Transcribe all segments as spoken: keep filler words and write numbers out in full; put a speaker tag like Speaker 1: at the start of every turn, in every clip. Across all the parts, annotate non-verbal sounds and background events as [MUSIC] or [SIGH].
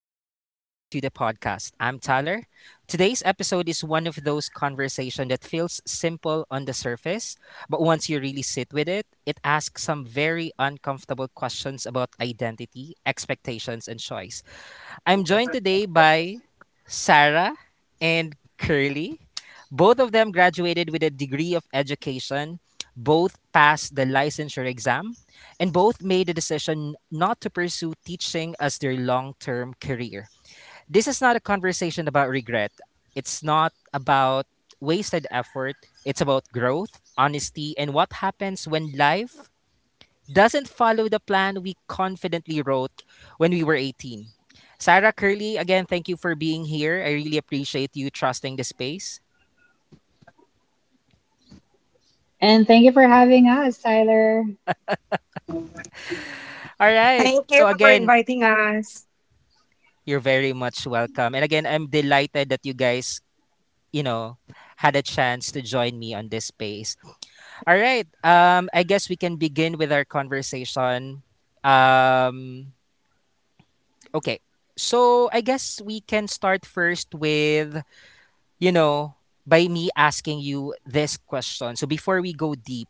Speaker 1: Welcome back to the podcast. I'm Tyler. Today's episode is one of those conversations that feels simple on the surface, but once you really sit with it, it asks some very uncomfortable questions about identity, expectations, and choice. I'm joined today by Sarah and Curly. Both of them graduated with a degree of education, both passed the licensure exam, and both made the decision not to pursue teaching as their long term career. This is not a conversation about regret, it's not about wasted effort, it's about growth, honesty, and what happens when life doesn't follow the plan we confidently wrote when we were eighteen. Sarah, Curley, again, thank you for being here. I really appreciate you trusting the space.
Speaker 2: And thank you for having us, Tyler.
Speaker 3: Thank you
Speaker 1: All
Speaker 3: for
Speaker 1: right.
Speaker 3: inviting
Speaker 1: So, again,
Speaker 3: us.
Speaker 1: you're very much welcome. And again, I'm delighted that you guys, you know, had a chance to join me on this space. All right. Um, I guess we can begin with our conversation. Um, okay. So, I guess we can start first with you know, by me asking you this question. So before we go deep,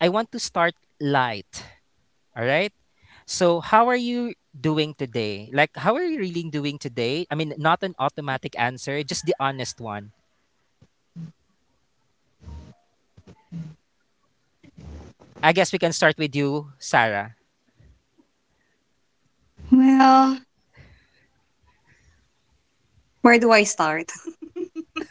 Speaker 1: I want to start light. All right. So how are you doing today? Like, how are you really doing today? I mean, not an automatic answer, just the honest one. I guess we can start with you, Sarah.
Speaker 3: Well, where do I start? [LAUGHS]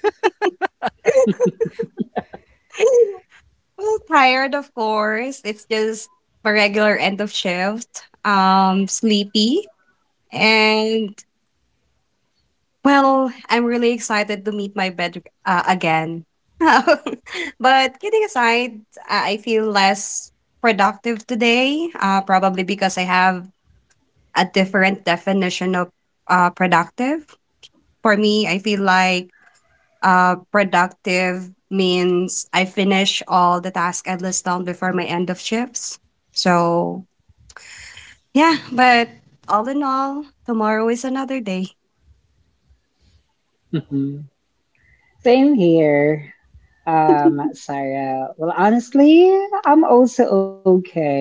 Speaker 3: well, tired, of course. It's just a regular end of shift. Um, sleepy, and well, I'm really excited to meet my bed uh, again. [LAUGHS] But kidding aside, I I feel less productive today. Uh, probably because I have a different definition of uh productive. For me, I feel like uh, productive means I finish all the tasks I list down before my end of shifts. So, yeah, but all in all, tomorrow is another day.
Speaker 2: Mhm. Same here, um,
Speaker 3: [LAUGHS]
Speaker 2: Sarah. Well, honestly, I'm also okay.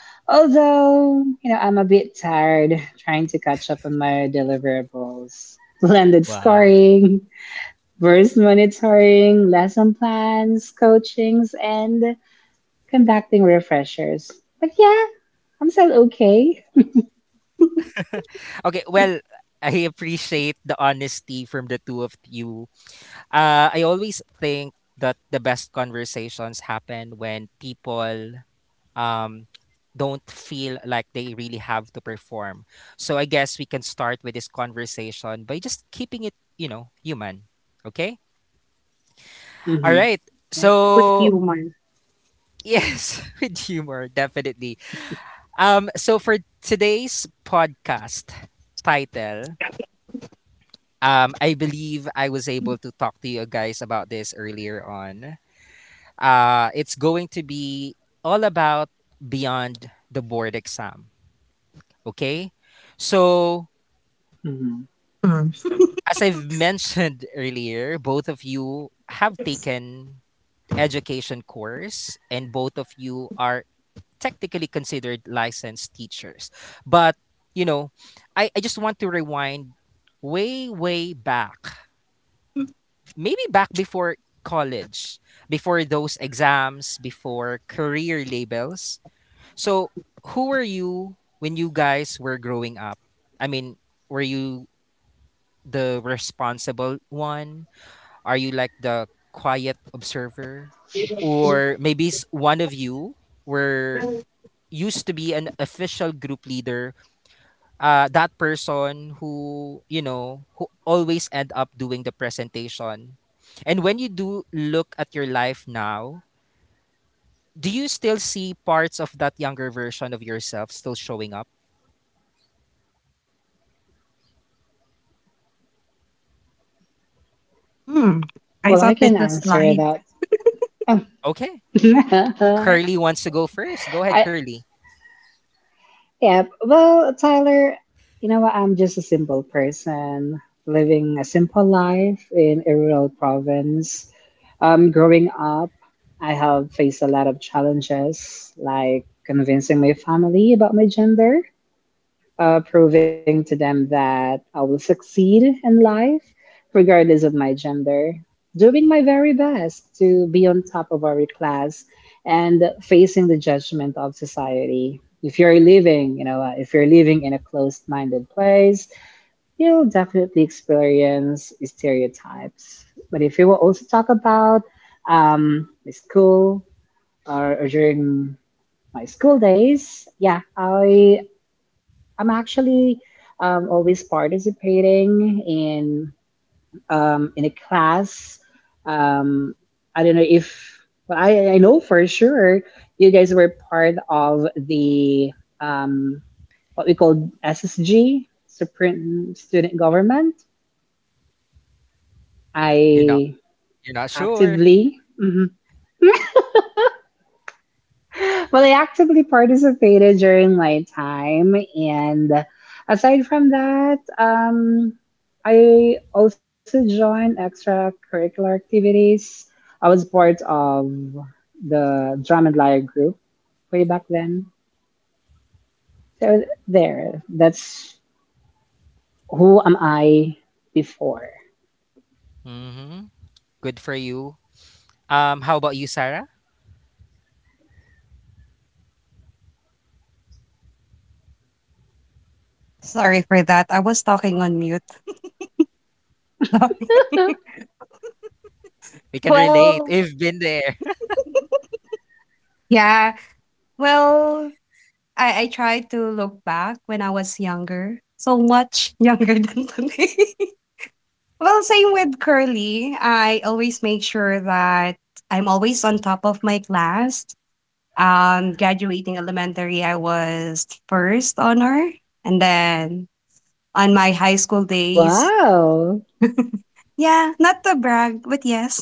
Speaker 2: Although, you know, I'm a bit tired trying to catch up on my deliverables. [LAUGHS] Blended
Speaker 1: Wow.
Speaker 2: scoring, verse monitoring, lesson plans, coachings, and conducting refreshers. But yeah, I'm still okay.
Speaker 1: Okay. Well, I appreciate the honesty from the two of you. Uh, I always think that the best conversations happen when people um, don't feel like they really have to perform. So I guess we can start with this conversation by just keeping it, you know, human. Okay? All
Speaker 2: Mm-hmm.
Speaker 1: right.
Speaker 2: Yep.
Speaker 3: With
Speaker 1: So,
Speaker 3: humor.
Speaker 1: yes, [LAUGHS] with humor, definitely. Um so for today's podcast title, um I believe I was able to talk to you guys about this earlier on. Uh it's going to be all about beyond the board exam, okay? So,
Speaker 2: hmm
Speaker 1: as I've [LAUGHS] mentioned earlier, both of you have taken education course and both of you are technically considered licensed teachers. But, you know, I, I just want to rewind way, way back. Maybe back before college, before those exams, before career labels. So who were you when you guys were growing up? I mean, were you the responsible one? Are you like the quiet observer? Or maybe s- one of you were used to be an official group leader, uh, that person who, you know, who always end up doing the presentation. And when you do look at your life now, do you still see parts of that younger version of yourself still showing up?
Speaker 3: Hmm.
Speaker 2: Well,
Speaker 3: I
Speaker 2: I
Speaker 3: thought
Speaker 2: can
Speaker 3: this was
Speaker 2: answer
Speaker 3: light.
Speaker 2: that. Um,
Speaker 1: Okay.
Speaker 2: [LAUGHS] I
Speaker 1: Curly wants to go first. Go ahead, Curly.
Speaker 2: yeah. Well, Tyler, you know what? I'm just a simple person living a simple life in a rural province. Um, growing up, I have faced a lot of challenges, like convincing my family about my gender, uh, proving to them that I will succeed in life, regardless of my gender, doing my very best to be on top of our class and facing the judgment of society. If you're living, you know, uh, if you're living in a closed minded place, you'll definitely experience stereotypes. But if you will also talk about um, my school or, or during my school days, yeah, I I'm actually um, always participating in um, in a class. Um, I don't know if well, I, I know for sure you guys were part of the um, what we call S S G, Supreme Student Government.
Speaker 1: You're not,
Speaker 2: I
Speaker 1: you're not sure.
Speaker 2: actively mm-hmm, Well, I actively participated during my time, and aside from that, um, I also joined extracurricular activities. I was part of the drum and lyre group way back then. So there, that's who am I before. [LAUGHS]
Speaker 1: Mm-hmm. Good for you. Um, how about you, Sarah?
Speaker 3: Sorry for that. I was talking on mute. [LAUGHS]
Speaker 1: We can relate.
Speaker 3: well,
Speaker 1: We've been there.
Speaker 3: yeah. Well, I, I try to look back when I was younger, so much younger [LAUGHS] than today. well, same with Curly. I always make sure that I'm always on top of my class. Um, graduating elementary, I was first honor, and then on my high school days,
Speaker 2: Wow,
Speaker 3: yeah, not to brag, but yes.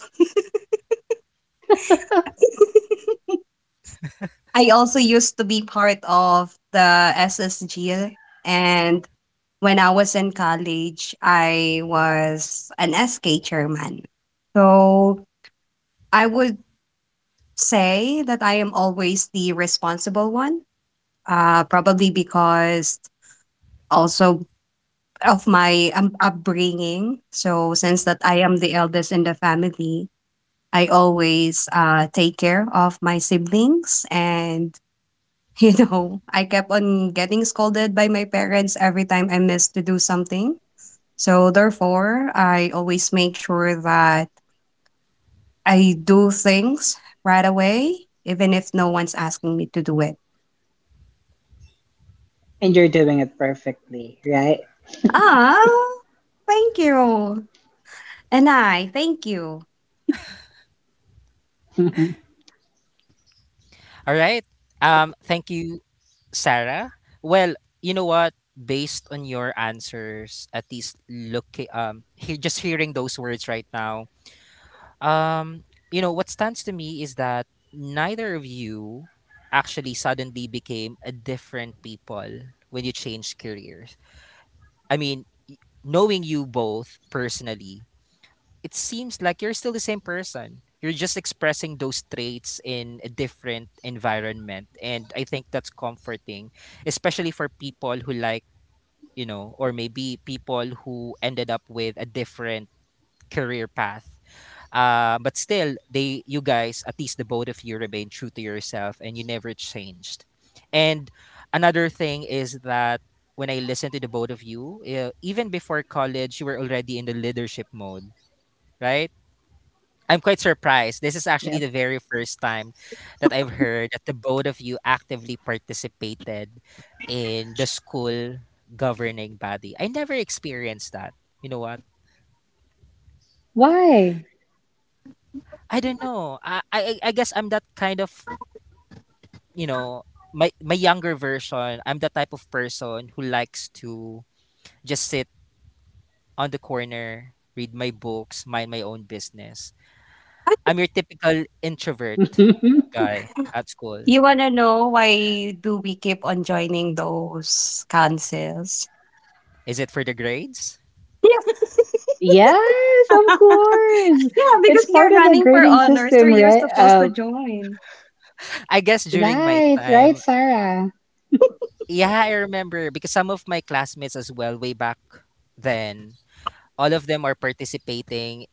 Speaker 3: [LAUGHS] I also used to be part of the S S G, and when I was in college, I was an S K chairman. So I would say that I am always the responsible one, uh, probably because also of my um, upbringing. So since that I am the eldest in the family, I always uh, take care of my siblings, and [LAUGHS] you know, I kept on getting scolded by my parents every time I missed to do something. So therefore, I always make sure that I do things right away, even if no one's asking me to do it.
Speaker 2: and you're doing it perfectly, right?
Speaker 3: Ah, thank you. And I thank you.
Speaker 1: [LAUGHS] All right. Um, thank you, Sarah. Well, you know what? Based on your answers, at least look, um he, just hearing those words right now. Um, you know what stands to me is that neither of you actually suddenly became a different people when you changed careers. I mean, knowing you both personally, it seems like you're still the same person. You're just expressing those traits in a different environment. And I think that's comforting, especially for people who like, you know, or maybe people who ended up with a different career path. Uh, but still, they, you guys, at least the both of you, remain true to yourself and you never changed. And another thing is that when I listened to the both of you, uh, even before college, you were already in the leadership mode, right? I'm quite surprised. This is
Speaker 2: [LAUGHS] Yep.
Speaker 1: actually the very first time that I've heard that the both of you actively participated in the school governing body. I never experienced that. You know what?
Speaker 2: Why?
Speaker 1: I don't know. I I, I guess I'm that kind of, you know, my my younger version. I'm the type of person who likes to just sit on the corner, read my books, mind my own business. I'm your typical introvert
Speaker 2: [LAUGHS]
Speaker 1: guy at school.
Speaker 3: You wanna know why do we keep on joining those councils?
Speaker 1: Is it for the grades?
Speaker 3: [LAUGHS]
Speaker 2: Yes, of course.
Speaker 3: Yeah, yeah,
Speaker 2: It's
Speaker 3: because
Speaker 2: part
Speaker 3: you're
Speaker 2: of the
Speaker 3: running for
Speaker 2: grading
Speaker 3: honor, so
Speaker 2: system,
Speaker 3: you're
Speaker 2: right?
Speaker 3: supposed
Speaker 2: Uh,
Speaker 3: to join.
Speaker 1: I guess during my
Speaker 2: right, right,
Speaker 1: time,
Speaker 2: Sarah.
Speaker 1: yeah, I remember because some of my classmates as well, way back then, all of them are participating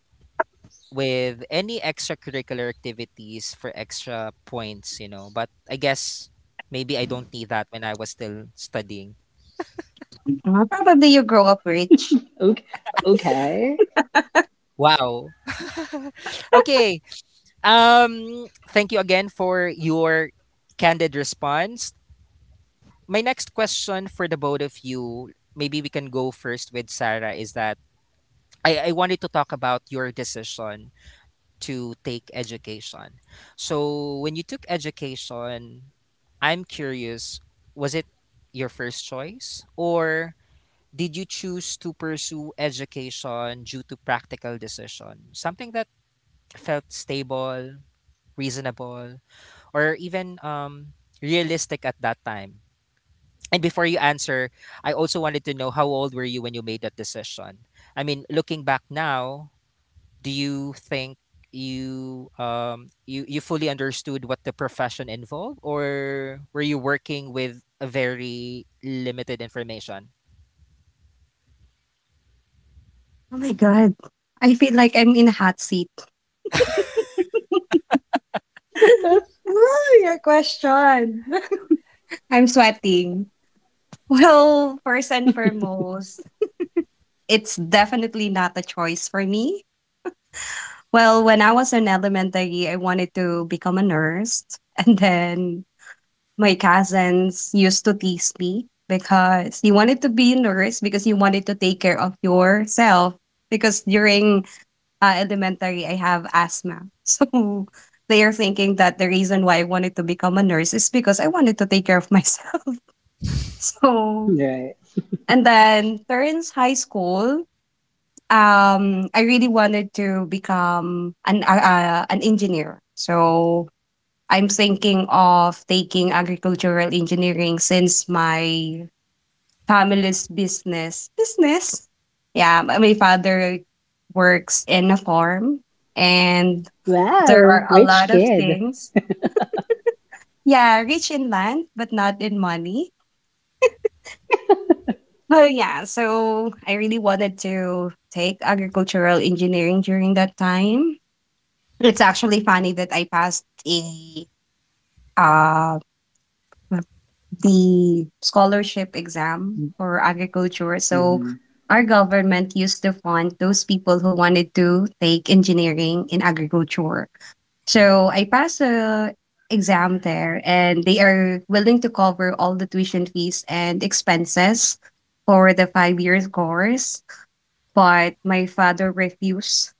Speaker 1: with any extracurricular activities for extra points, you know. But I guess maybe I don't need that when I was still studying.
Speaker 3: Uh, Probably you grow up rich.
Speaker 2: Okay, okay.
Speaker 1: Wow. [LAUGHS] Okay. Um thank you again for your candid response. My next question for the both of you, maybe we can go first with Sarah, is that I, I wanted to talk about your decision to take education. So, when you took education, I'm curious, was it your first choice, or did you choose to pursue education due to practical decision? Something that felt stable, reasonable, or even um, realistic at that time? And before you answer, I also wanted to know how old were you when you made that decision? I mean, looking back now, do you think you um you you fully understood what the profession involved, or were you working with a very limited information?
Speaker 3: Oh my God. I feel like I'm in a hot seat. [LAUGHS]
Speaker 2: [LAUGHS]
Speaker 3: Ooh, your question. [LAUGHS] I'm sweating. Well, first and foremost, it's definitely not a choice for me. Well, when I was in elementary, I wanted to become a nurse. [LAUGHS] And then my cousins used to tease me because you wanted to be a nurse because you wanted to take care of yourself. Because during uh, elementary, I have asthma. [LAUGHS] So they are thinking that the reason why I wanted to become a nurse is because I wanted to take care of myself. [LAUGHS] So,
Speaker 2: Right.
Speaker 3: and then turns high school, um, I really wanted to become an uh, uh, an engineer. So I'm thinking of taking agricultural engineering since my family's business business. Yeah, my my father works in a farm, and there
Speaker 2: Wow,
Speaker 3: are a
Speaker 2: rich
Speaker 3: lot of
Speaker 2: kid.
Speaker 3: things. Yeah, rich in land, but not in money. But yeah, so I really wanted to take agricultural engineering during that time. It's actually funny that I passed a uh the scholarship exam for agriculture. So
Speaker 2: hmm
Speaker 3: our government used to fund those people who wanted to take engineering in agriculture.
Speaker 1: Mhm.
Speaker 3: So I passed the exam there, and they are willing to cover all the tuition fees and expenses for the five years course. But my father refused.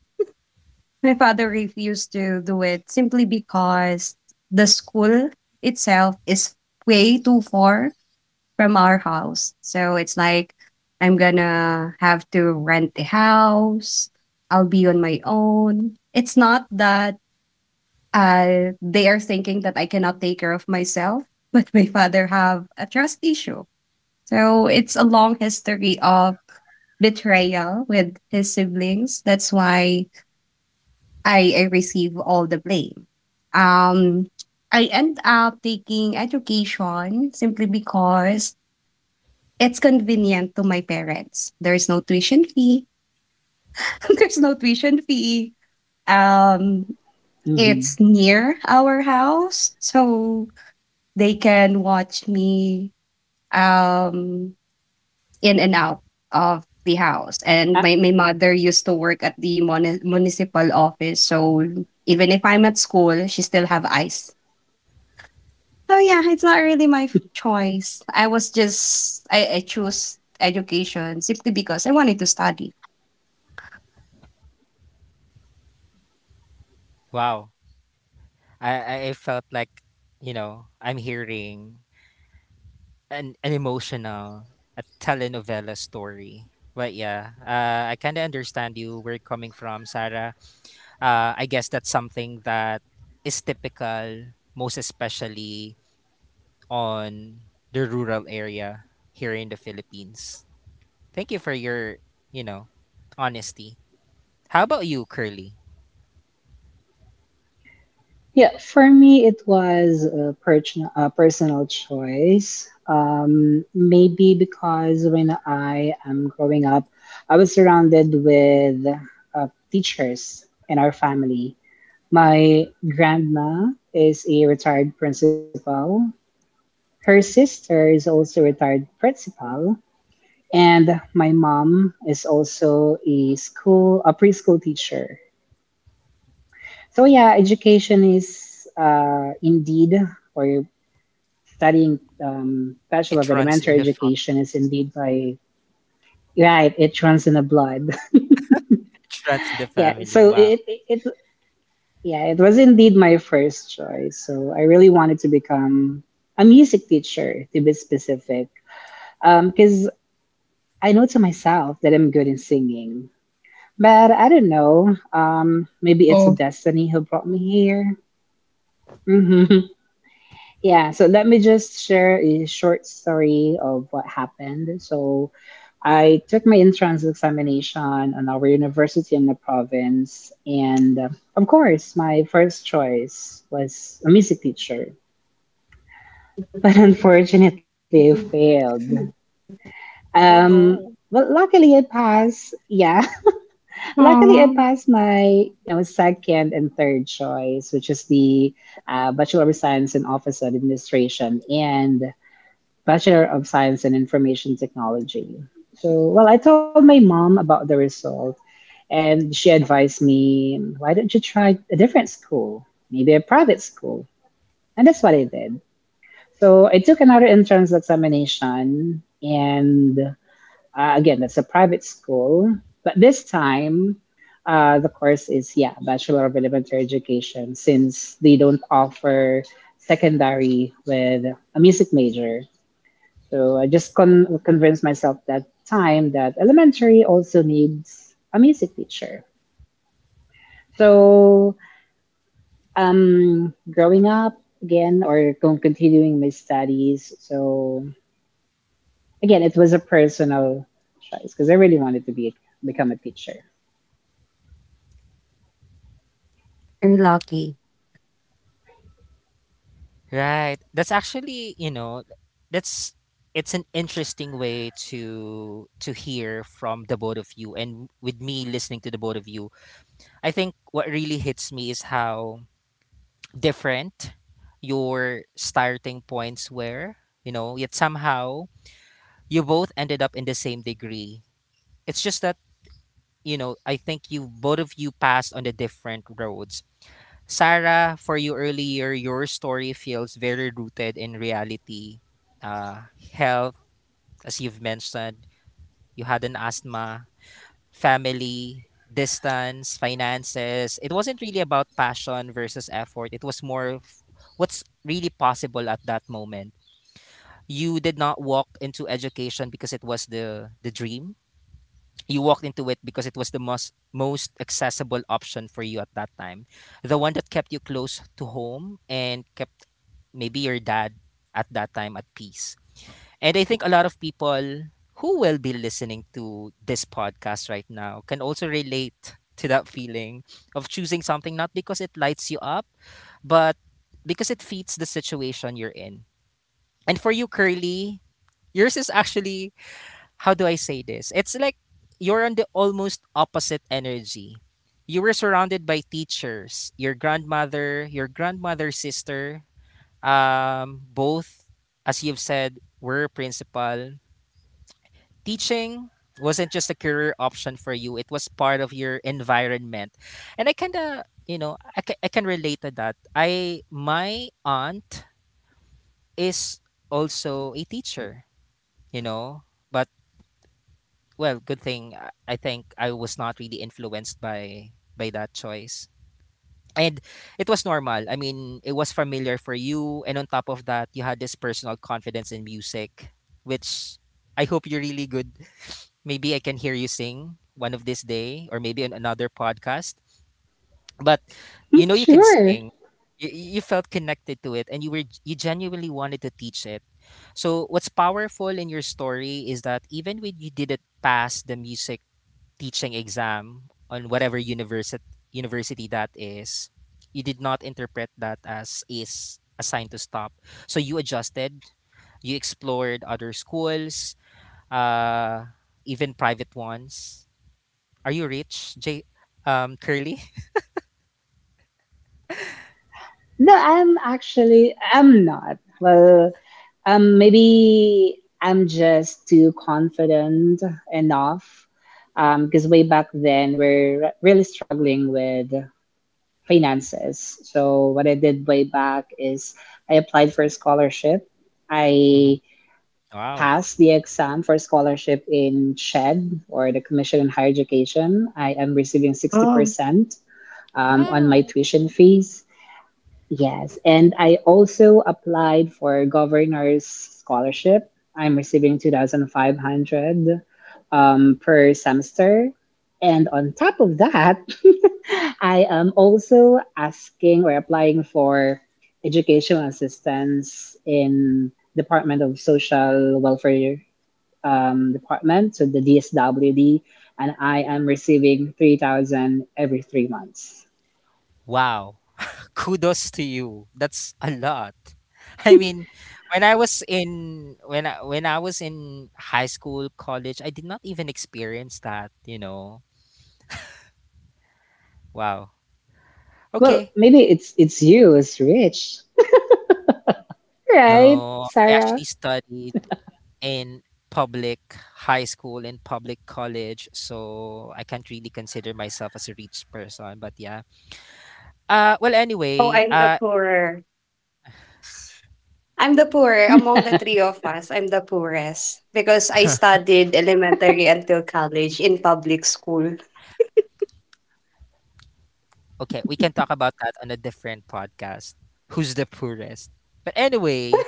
Speaker 3: [LAUGHS] My father refused to do it simply because the school itself is way too far from our house. So it's like I'm gonna have to rent a house. I'll be on my own. It's not that uh, they are thinking that I cannot take care of myself, [LAUGHS] but my father have a trust issue. So it's a long history of betrayal with his siblings. That's why I, I receive all the blame. Um, I end up taking education simply because it's convenient to my parents. There's no tuition fee. [LAUGHS] There's no tuition fee. Um, it's
Speaker 2: hmm
Speaker 3: near our house, so they can watch me um in and out of the house. And my, my mother used to work at the muni- municipal office, so even if I'm at school, she still have eyes. Oh yeah, it's not really my f- choice. I was just I, I chose education simply because I wanted to study.
Speaker 1: Wow. I i I felt like, you know, I'm hearing an, an emotional, a telenovela story. But yeah, uh, I kind of understand you, where you're coming from, Sarah. uh, I guess that's something that is typical, most especially on the rural area here in the Philippines. Thank you for your, you know, honesty. How about you, Curly?
Speaker 2: Yeah, for me, it was a, personal a personal choice. Um, maybe because when I am growing up, I was surrounded with uh, teachers in our family. My grandma is a retired principal. Her sister is also a retired principal. And my mom is also a school, a preschool teacher. So yeah, education is uh, indeed or studying um, Bachelor of
Speaker 1: It runs
Speaker 2: Elementary
Speaker 1: in the fa-
Speaker 2: Education is indeed by right. It runs in the blood.
Speaker 1: it runs in the
Speaker 2: [LAUGHS] Yeah.
Speaker 1: family.
Speaker 2: So
Speaker 1: Wow.
Speaker 2: it, it it Yeah, it was indeed my first choice. So I really wanted to become a music teacher, to be specific, because I know to myself that I'm good in singing. But I don't know. Um, maybe it's a destiny who brought me here. [LAUGHS] Yeah, so let me just share a short story of what happened. So I took my entrance examination on our university in the province, and, uh, of course, my first choice was a music teacher. But [LAUGHS] unfortunately, I failed.
Speaker 1: Oh
Speaker 2: Um,
Speaker 1: no.
Speaker 2: well, luckily I passed. Yeah, [LAUGHS] luckily I
Speaker 3: Aw.
Speaker 2: passed my, you know, second and third choice, which is the uh, Bachelor of Science in Office Administration, and Bachelor of Science in Information Technology. So, well, I told my mom about the result, and she advised me, why don't you try a different school, maybe a private school? And that's what I did. So I took another entrance examination, and, uh, again, that's a private school, but this time, uh, the course is, yeah, Bachelor of Elementary Education, since they don't offer secondary with a music major. So I just con- convinced myself that time that elementary also needs a music teacher. So, um, growing up again or con- continuing my studies. So again, it was a personal choice because I really wanted to be become a teacher.
Speaker 3: You're lucky.
Speaker 1: Right. That's actually, you know, that's it's an interesting way to to hear from the both of you, and with me listening to the both of you, I think what really hits me is how different your starting points were, you know, yet somehow you both ended up in the same degree. It's just that, you know, I think you, both of you, passed on the different roads. Sarah, for you earlier, your story feels very rooted in reality. Uh, health, as you've mentioned, you had an asthma, family, distance, finances. It wasn't really about passion versus effort. It was more of what's really possible at that moment. You did not walk into education because it was the the dream, you walked into it because it was the most most accessible option for you at that time, the one that kept you close to home and kept maybe your dad at that time at peace. And I think a lot of people who will be listening to this podcast right now can also relate to that feeling of choosing something not because it lights you up, but because it fits the situation you're in. And for you, Curly, yours is actually, how do I say this? It's like you're on the almost opposite energy. You were surrounded by teachers, your grandmother, your grandmother's sister, um, both, as you've said, were principal. Teaching wasn't just a career option for you, it was part of your environment. And I kind of, you know, I can, I can relate to that. I, my aunt is also a teacher, you know, but well, good thing, uh, I think I was not really influenced by by that choice. And it was normal. I mean, it was familiar for you, and on top of that, you had this personal confidence in music, which I hope you're really good. Maybe I can hear you sing one of this day, or maybe on another podcast. But you know
Speaker 2: [LAUGHS]
Speaker 1: you could
Speaker 2: Sure.
Speaker 1: sing. You, you felt connected to it, and you were you genuinely wanted to teach it. So what's powerful in your story is that even when you didn't pass the music teaching exam on whatever university university that is, you did not interpret that as is a sign to stop. So you adjusted, you explored other schools, uh, even private ones. Are you rich, J um Curly?
Speaker 2: No, I'm actually I'm not. Well, um, maybe I'm just too confident enough. Um, because way back then we're really struggling with finances. So what I did way back is I applied for a scholarship.
Speaker 1: [LAUGHS]
Speaker 2: I
Speaker 1: Hmm. Wow.
Speaker 2: passed the exam for scholarship in S H E D or the Commission on Higher Education. I am receiving sixty
Speaker 3: Oh.
Speaker 2: percent um, on my
Speaker 1: Wow.
Speaker 2: tuition fees. Yes, and I also applied for governor's scholarship. I'm receiving two thousand five hundred um, per semester. And on top of that, [LAUGHS] I am also asking or applying for educational assistance in Department of Social Welfare um, Department, so the D S W D, and I am receiving three thousand every three months.
Speaker 1: Wow. [LAUGHS] Kudos to you. That's a lot. [LAUGHS] I mean, when I was in, when I, when I was in high school, college, I did not even experience that, you know. Wow.
Speaker 2: Well,
Speaker 1: Okay.
Speaker 2: maybe it's it's you, it's Rich. Right,
Speaker 1: No, I actually
Speaker 2: Sarah?
Speaker 1: studied in public high school and public college, so I can't really consider myself as a rich person, but yeah. Uh well anyway,
Speaker 3: Oh, I'm
Speaker 1: uh
Speaker 3: the poorer. I'm the poorer among the
Speaker 2: [LAUGHS]
Speaker 3: three of us. I'm the poorest because I studied elementary until college in public school.
Speaker 1: okay, we can talk about that on a different podcast. Who's the poorest? But anyway,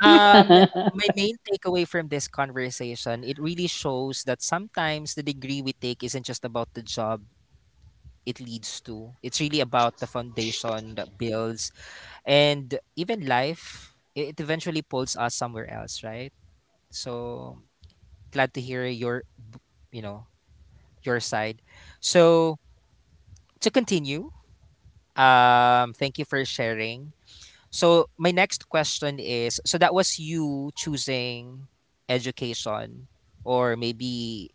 Speaker 1: Um,
Speaker 2: hmm
Speaker 1: my main takeaway from this conversation, it really shows that sometimes the degree we take isn't just about the job it leads to. It's really about the foundation that builds, and even life, it it eventually pulls us somewhere else, right? So, glad to hear your, you know, your side. So, to continue, um, thank you for sharing. So my next question is, so that was you choosing education, or maybe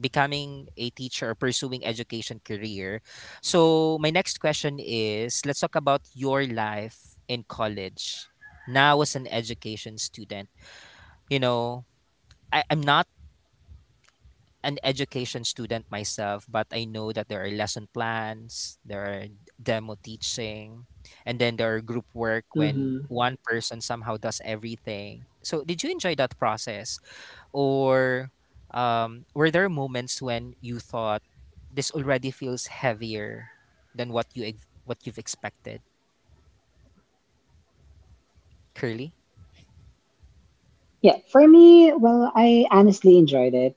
Speaker 1: becoming a teacher, or pursuing education career. So my next question is, let's talk about your life in college now as an education student. You know, I, I'm not an education student myself, but I know that there are lesson plans, there are demo teaching, and then there are group work when one person somehow does everything. So, did you enjoy that process? Or um, were there moments when you thought this already feels heavier than what you ex- what you've expected? Curly?
Speaker 2: Yeah, for me, well, I honestly enjoyed it.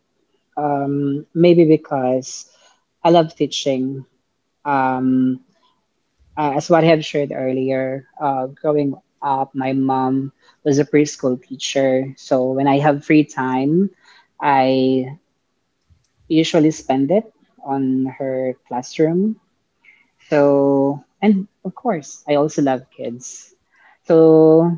Speaker 2: Um, maybe because I love teaching. Um, uh, as what I have shared earlier, uh, growing up, my mom was a preschool teacher. So when I have free time, I usually spend it on her classroom. So, and of course, I also love kids. So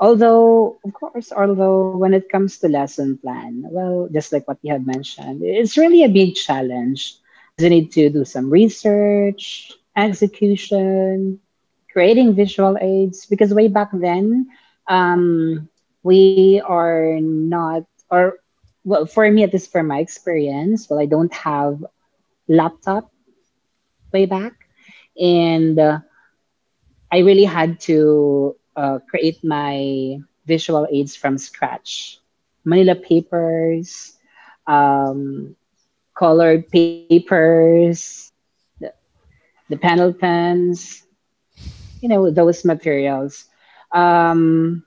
Speaker 2: although, of course, although when it comes to lesson plan, well, just like what you have mentioned, it's really a big challenge as you need to do some research, execution, creating visual aids, because way back then, um, we are not, or well, for me, at least for my experience, well, I don't have laptop way back. And uh, I really had to uh, create my visual aids from scratch. Manila papers, um, colored papers, the, the panel pens, you know, those materials. Um,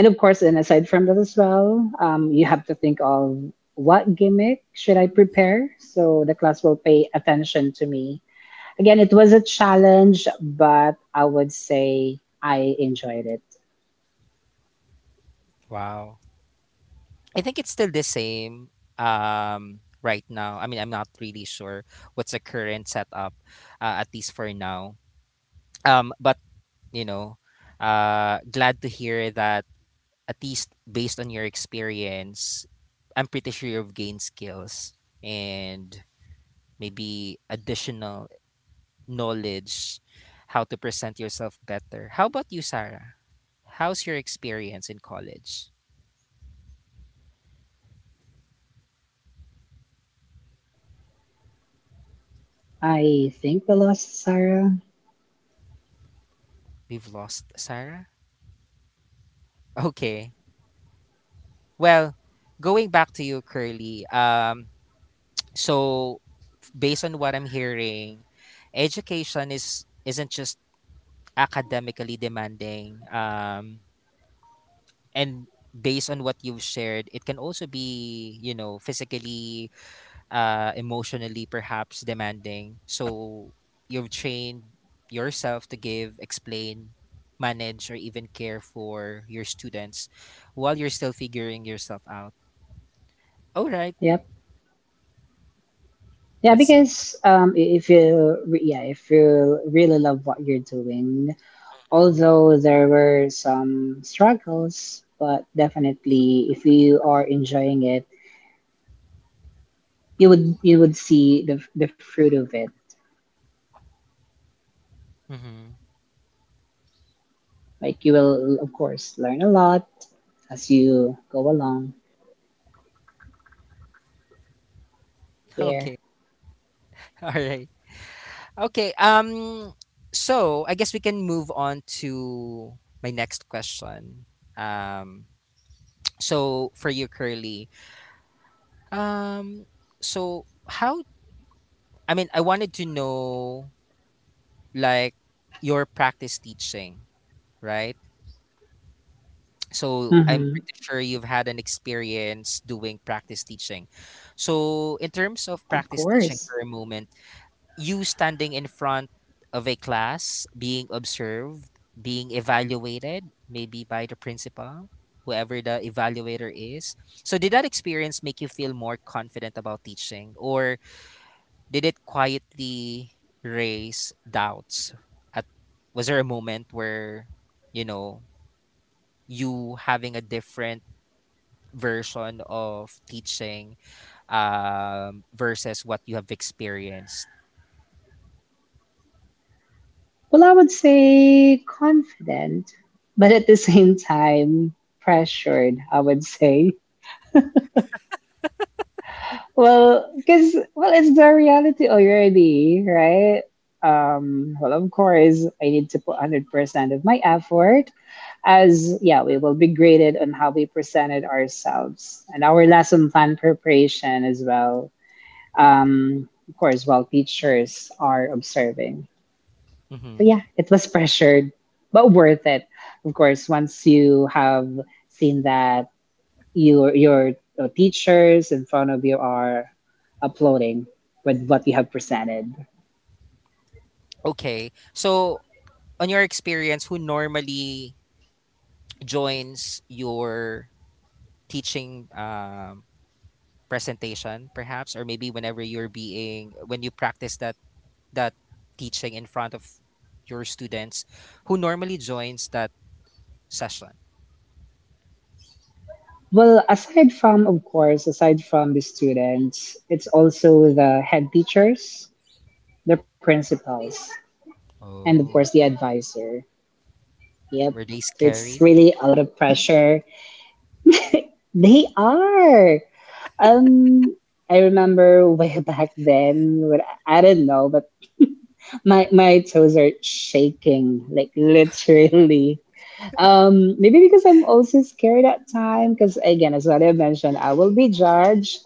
Speaker 2: and of course, and aside from that as well, um, you to think of what gimmick should I prepare so the class will pay attention to me. Again, it was a challenge, but I would say I enjoyed it.
Speaker 1: Wow. I think it's still the same um, right now. I mean, I'm not really sure what's the current setup, uh, at least for now. Um, but you know, uh, glad to hear that at least based on your experience, I'm pretty sure you've gained skills and maybe additional knowledge how to present yourself better. How about you, Sarah? How's your experience in college?
Speaker 2: I think we lost Sarah.
Speaker 1: We've lost Sarah. [LAUGHS] Okay. Well, going back to you, Curly. Um, so f- based on what I'm hearing, education is isn't just academically demanding. Um, and based on what you've shared, it can also be, you know, physically, uh, emotionally, perhaps demanding. So you've trained yourself to give, explain, manage, or even care for your students while you're still figuring yourself out. All right,
Speaker 2: Yep. Yeah,
Speaker 1: let's see.
Speaker 2: because um, i- if you re- yeah, if you really love what you're doing, although there were some struggles, but definitely if you are enjoying it, you would you would see the the fruit of it.
Speaker 1: Mm-hmm.
Speaker 2: Like you will of course learn a lot as you go along here.
Speaker 1: Okay. [LAUGHS] All right. Okay. Um. So I guess we can move on to my next question. Um. So for you, Curly. Um. So how? I mean, I wanted to know like your practice teaching, right? So I'm
Speaker 2: Mm-hmm.
Speaker 1: pretty sure you've had an experience doing practice teaching. So in terms of
Speaker 2: Of
Speaker 1: practice teaching for
Speaker 2: course.
Speaker 1: a moment, you standing in front of a class being observed, being evaluated maybe by the principal, whoever the evaluator is. So did that experience make you feel more confident about teaching, or did it quietly raise doubts? At was there a moment where, you know, you having a different version of teaching um, versus what you have experienced?
Speaker 2: Well, I would say confident, but at the [LAUGHS] same time, pressured, I would say. Well, because, well, it's the reality already, right? Um, well, of course, I need to put one hundred percent of my effort as, yeah, we will be graded on how we presented ourselves and our lesson plan preparation as well. Um, of course, while teachers are observing. So
Speaker 1: Hmm.
Speaker 2: yeah, it was pressured, but worth it. Of course, once you have seen that your your, your teachers in front of you are uploading with what you have presented.
Speaker 1: Okay, so on your experience, who normally joins your teaching um, presentation, perhaps, or maybe whenever you're being when you practice that that teaching in front of your students, who normally joins that session?
Speaker 2: Well, aside from of course, aside from the students, it's also the head teachers, the principals, and of course the
Speaker 1: Oh,
Speaker 2: advisor. Yep.
Speaker 1: were they
Speaker 2: So it's
Speaker 1: scary?
Speaker 2: really a lot of pressure. [LAUGHS] They are. Um, I remember way [LAUGHS] back then, when I I don't know, but [LAUGHS] my my toes are shaking, like literally. Um, maybe because I'm also scared at time. Because again, as what I mentioned, I will be judged,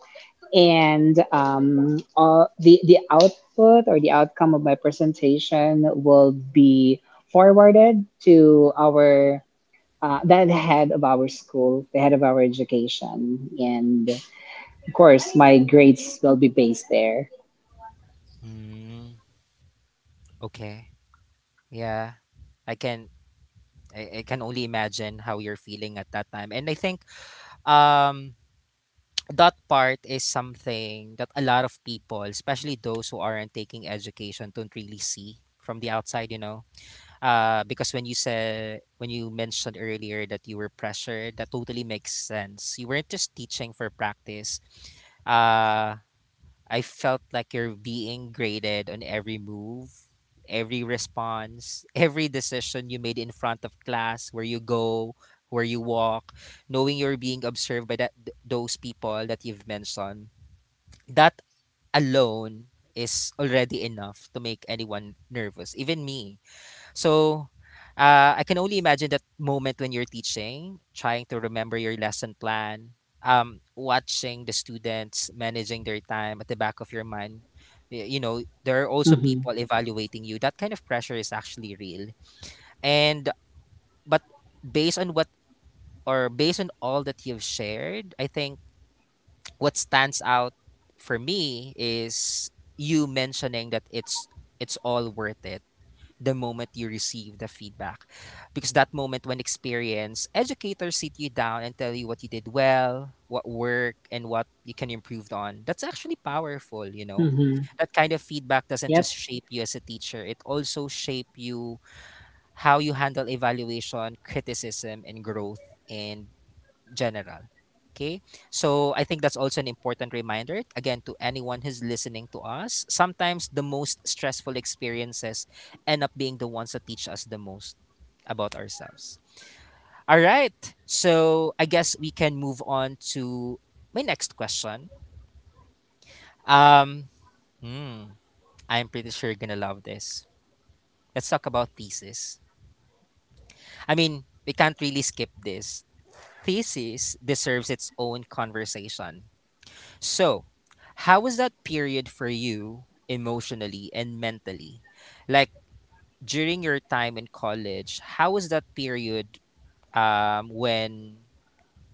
Speaker 2: and um, all, the the output or the outcome of my presentation will be forwarded to our uh, the head of our school, the head of our education, and of course, my grades will be based there.
Speaker 1: Mm, okay. Yeah, I can. I, I can only imagine how you're feeling at that time, and I think um that part is something that a lot of people, especially those who aren't taking education, don't really see from the outside, you know. Uh, because when you said when you mentioned earlier that you were pressured, that totally makes sense. You weren't just teaching for practice. Uh, I felt like you're being graded on every move, every response, [LAUGHS] every decision you made in front of class, where you go, where you walk, knowing you're being observed by that th- those people that you've mentioned, that alone is already enough to make anyone nervous, even me. So uh, I can only imagine that moment when you're teaching, trying to remember your lesson plan, um, watching the students managing their time at the back of your mind. Y- You know, there are also
Speaker 2: Mm-hmm.
Speaker 1: people evaluating you. That kind of pressure is actually real. And, but based on what, or based on all that you've shared, I think what stands out for me is you mentioning that it's it's all worth it the moment you receive the feedback, because that moment when experience educators sit you down and tell you what you did well, what worked, and what you can improve on, that's actually powerful, you know.
Speaker 2: Mm-hmm.
Speaker 1: That kind of feedback doesn't
Speaker 2: Yep.
Speaker 1: just shape you as a teacher, it also shape you how you handle evaluation, criticism, and growth, and general. Okay. So I think that's also an important reminder, again, to anyone who's listening to us. Sometimes the most stressful experiences end up being the ones that teach us the most about ourselves. All right. So I guess we can move on to my next question. Um, hmm, I'm pretty sure you're going to love this. Let's talk about thesis. I mean, we can't really skip this. Thesis deserves its own conversation. So, how was that period for you emotionally and mentally? Like during your time in college, how was that period um, when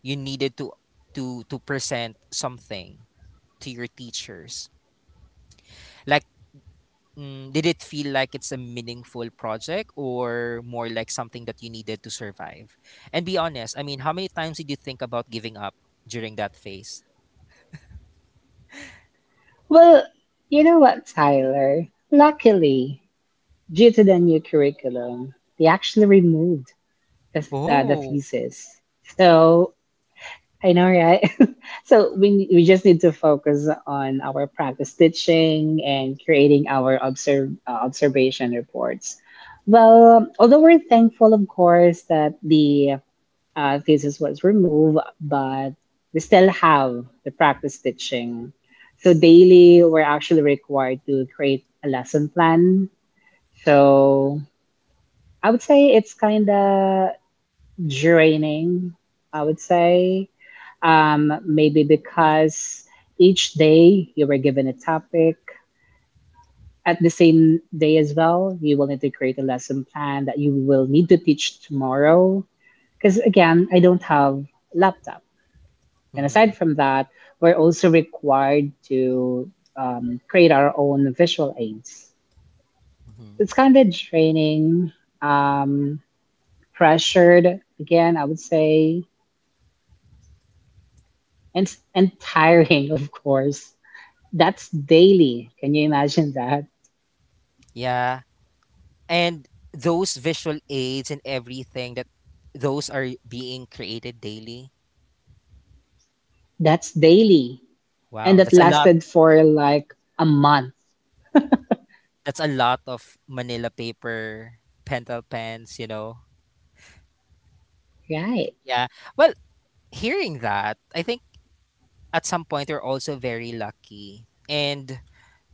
Speaker 1: you needed to to to present something to your teachers? Like, mm, did it feel like it's a meaningful project or more like something that you needed to survive? And be honest, I mean, how many times did you think about giving up during that phase?
Speaker 2: Well, you know what, Tyler? Luckily, due to the new curriculum, they actually removed the, the, the
Speaker 1: Oh.
Speaker 2: thesis. So I know, right? [LAUGHS] So we, we just need to focus on our practice teaching and creating our observe, uh, observation reports. Well, although we're thankful, of course, that the Uh, this is removed, but we still have the practice stitching. So daily, we're actually required to create a lesson plan. So I would say it's kind of draining, I would say. Um, maybe because each day you were given a topic. At the same day as well, will need to create a lesson plan that you will need to teach tomorrow. Because again, I don't have laptop. And aside
Speaker 1: Mm-hmm.
Speaker 2: from that, we're also required to um, create our own visual aids.
Speaker 1: Mm-hmm.
Speaker 2: It's kind of draining, um, pressured, again, I would say, and, and tiring, [LAUGHS] of course. That's daily. Can you imagine that?
Speaker 1: Yeah. And those visual aids and everything that, those are being created daily.
Speaker 2: That's daily. And
Speaker 1: Wow,
Speaker 2: that
Speaker 1: that's a lot.
Speaker 2: lasted for like a month.
Speaker 1: That's a lot of manila paper, pentel pens, you know.
Speaker 2: Right.
Speaker 1: Yeah. Well, hearing that, I think at some point we're also very lucky. And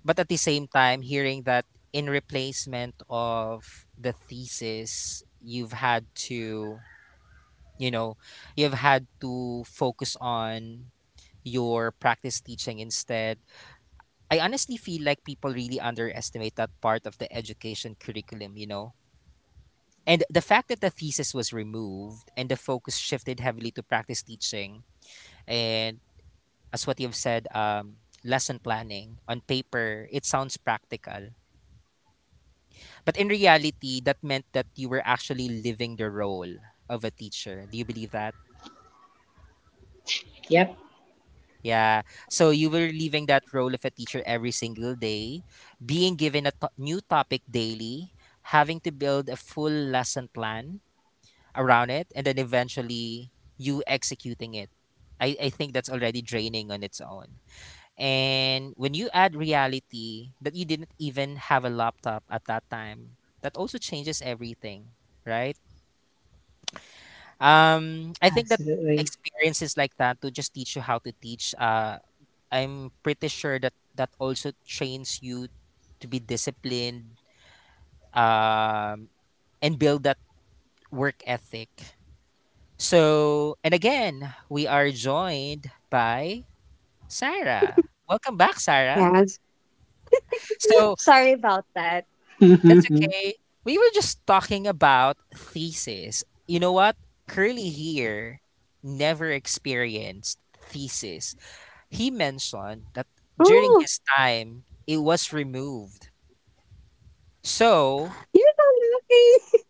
Speaker 1: but at the same time, hearing that in replacement of the thesis, you've had to, you know, you've had to focus on your practice teaching instead, I honestly feel like people really underestimate that part of the education curriculum, you know? And the fact that the thesis was removed and the focus shifted heavily to practice teaching and, as what you've said, um, lesson planning on paper, it sounds practical. But in reality, that meant that you were actually living the role of a teacher. Do you believe that?
Speaker 2: Yep.
Speaker 1: Yeah. So you were leaving that role of a teacher every single day, being given a to- new topic daily, having to build a full lesson plan around it, and then eventually you executing it. I, I think that's already draining on its own. And when you add reality that you didn't even have a laptop at that time, that also changes everything, right? Um, I think that
Speaker 2: Absolutely.
Speaker 1: experiences like that to just teach you how to teach. Uh, I'm pretty sure that that also trains you to be disciplined um, and build that work ethic. So, and again, we are joined by Sarah. Welcome back, Sarah.
Speaker 3: Yes. [LAUGHS]
Speaker 1: So,
Speaker 3: Sorry about that.
Speaker 2: [LAUGHS]
Speaker 1: that's
Speaker 2: Why?
Speaker 1: okay. We were just talking about thesis. You know what? Curly here never experienced thesis. He mentioned that during
Speaker 3: Oh,
Speaker 1: his time, it was removed. So
Speaker 3: you're so lucky.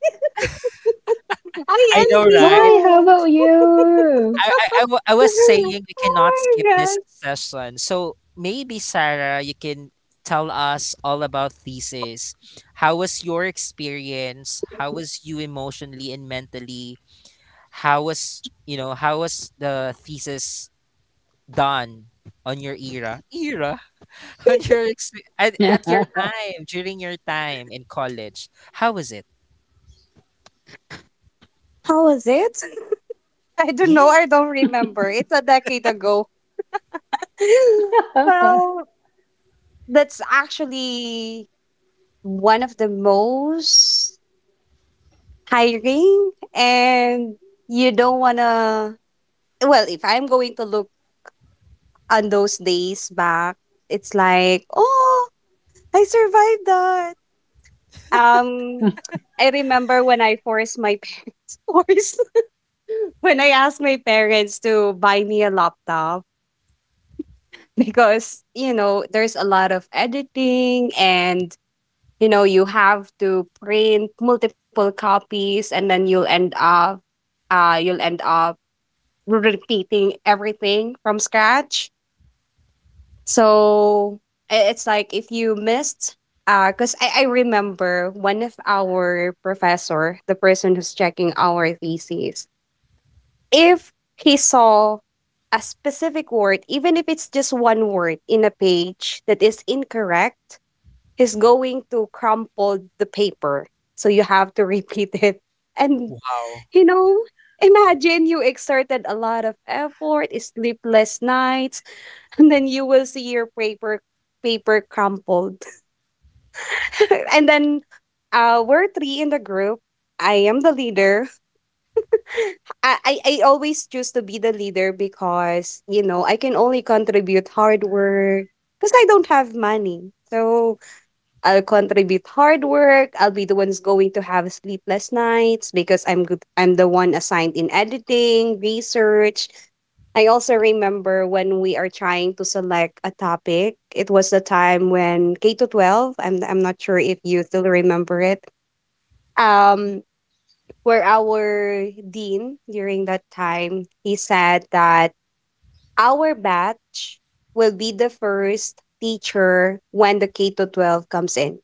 Speaker 3: [LAUGHS] I
Speaker 1: I know,
Speaker 3: envy
Speaker 1: right?
Speaker 2: How
Speaker 3: you.
Speaker 2: about you?
Speaker 1: I, I, I, wa- I was
Speaker 3: [LAUGHS]
Speaker 1: saying we
Speaker 3: Oh
Speaker 1: cannot skip
Speaker 3: my
Speaker 1: this
Speaker 3: gosh.
Speaker 1: session. So maybe, Sarah, you can tell us all about thesis. How was your experience? How was you emotionally and mentally? How was, you know, how was the thesis done on your era? Era? [LAUGHS] On your ex, at at your
Speaker 2: [LAUGHS]
Speaker 1: time, during your time in college, how was it?
Speaker 3: How was it? [LAUGHS] I don't know.
Speaker 1: Yes.
Speaker 3: I don't remember. It's a decade ago. [GASPS] [LAUGHS] Well, that's actually one of the most tiring, and you don't want to. Well, if I'm going to look on those days back, it's like, oh, I survived that. Um, I remember when I forced my [LAUGHS] parents forced [LAUGHS] when I asked my parents to buy me a laptop, because you know there's a lot of editing, and you know you have to print multiple copies, and then you'll end up uh you'll end up repeating everything from scratch. So i- it's like, if you missed, because I, I remember one of our professor, the person who's checking our thesis, if he saw a specific word, even if it's just one word in a page that is incorrect, he's going to crumple the paper. So you have to [LAUGHS] repeat it. And,
Speaker 1: Wow.
Speaker 3: you know, imagine you exerted a lot of effort, sleepless nights, and then you will see your paper paper crumpled. [LAUGHS] and then uh we're three in the group. I am the leader. [LAUGHS] I, I I always choose to be the leader because, you know, I can only contribute hard work because I don't have money. So I'll contribute hard work. I'll be the one's going to have sleepless nights because I'm good. I'm the one assigned in editing, research. I also remember when we are trying to select a topic. It was the time when K to twelve, I'm I'm not sure if you still remember it. Um where our dean during that time, he said that our batch will be the first teacher when the K to twelve comes in.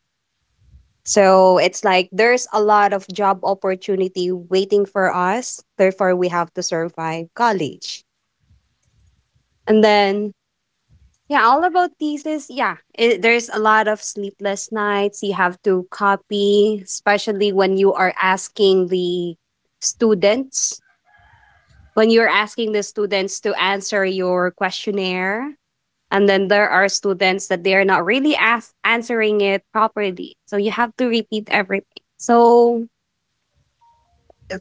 Speaker 3: So it's like there's a lot of job opportunity waiting for us. Therefore, we have to survive college. And then, yeah, all about thesis. Yeah, it, there's a lot of sleepless nights you have to copy, especially when you are asking the students, when you're asking the students to answer your questionnaire. And then there are students that they are not really ask, answering it properly. So you have to repeat everything. So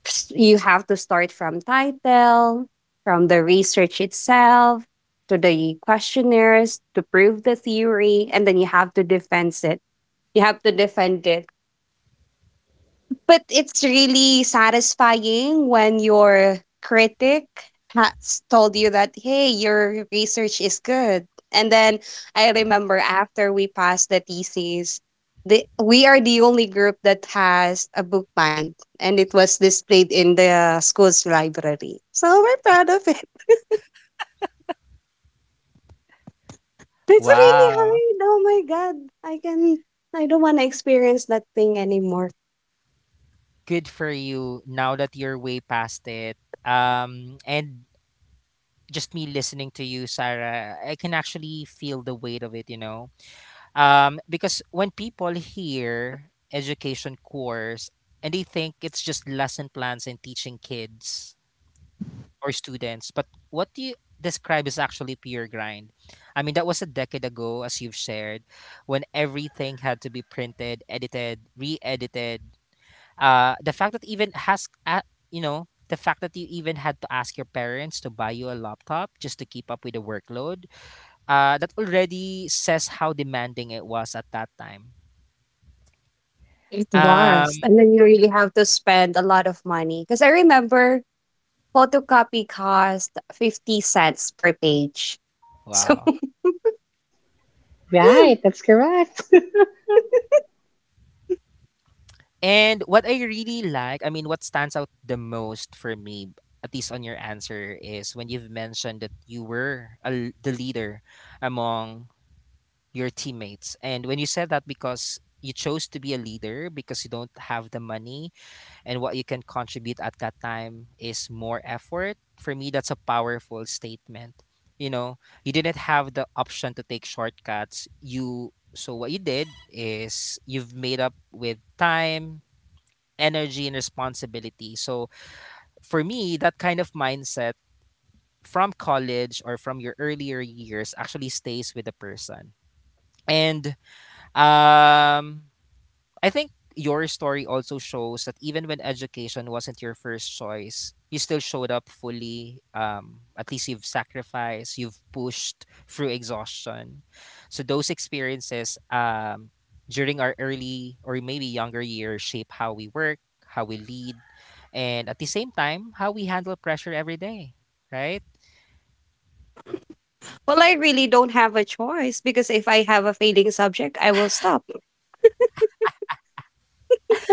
Speaker 3: s- you have to start from title, from the research itself, to the questionnaires to prove the theory, and then you have to defend it. You have to defend it, but it's really satisfying when your critic has told you that, hey, your research is good. And then I remember after we passed the thesis, the, we are the only group that has a book bind, and it was displayed in the school's library. So we're proud of it. [LAUGHS] It's really
Speaker 1: Wow.
Speaker 3: hard. Oh my God. I can, I don't want to experience that thing anymore.
Speaker 1: Good for you now that you're way past it. Um, and Just me listening to you, Sarah, I can actually feel the weight of it, you know? Um, because when people hear education course and they think it's just lesson plans and teaching kids or students, but what you describe is actually pure grind? I mean, that was a decade ago, as you've shared, when everything had to be printed, edited, re-edited. Uh, the fact that even has, uh, you know, the fact that you even had to ask your parents to buy you a laptop just to keep up with the workload, uh, that already says how demanding it was at that time.
Speaker 3: It was.
Speaker 1: Um,
Speaker 3: And then you really have to spend a lot of money. Because I remember photocopy cost fifty cents per page. So,
Speaker 1: wow.
Speaker 3: [LAUGHS]
Speaker 2: Right, that's correct.
Speaker 1: And what I really like, I mean, what stands out the most for me, at least on your answer, is when you've mentioned that you were a l the leader among your teammates. And when you said that because you chose to be a leader because you don't have the money and what you can contribute at that time is more effort. For me, that's a powerful statement. You know, you didn't have the option to take shortcuts. You so what you did is you've made up with time, energy and responsibility. So for me, that kind of mindset from college or from your earlier years actually stays with a person. And um, I think your story also shows that even when education wasn't your first choice, you still showed up fully. Um, at least you've sacrificed, you've pushed through exhaustion. So those experiences um, during our early or maybe younger years shape how we work, how we lead, and at the same time, how we handle pressure every day, right?
Speaker 3: well, I really don't have a choice because if I have a failing subject, I will stop.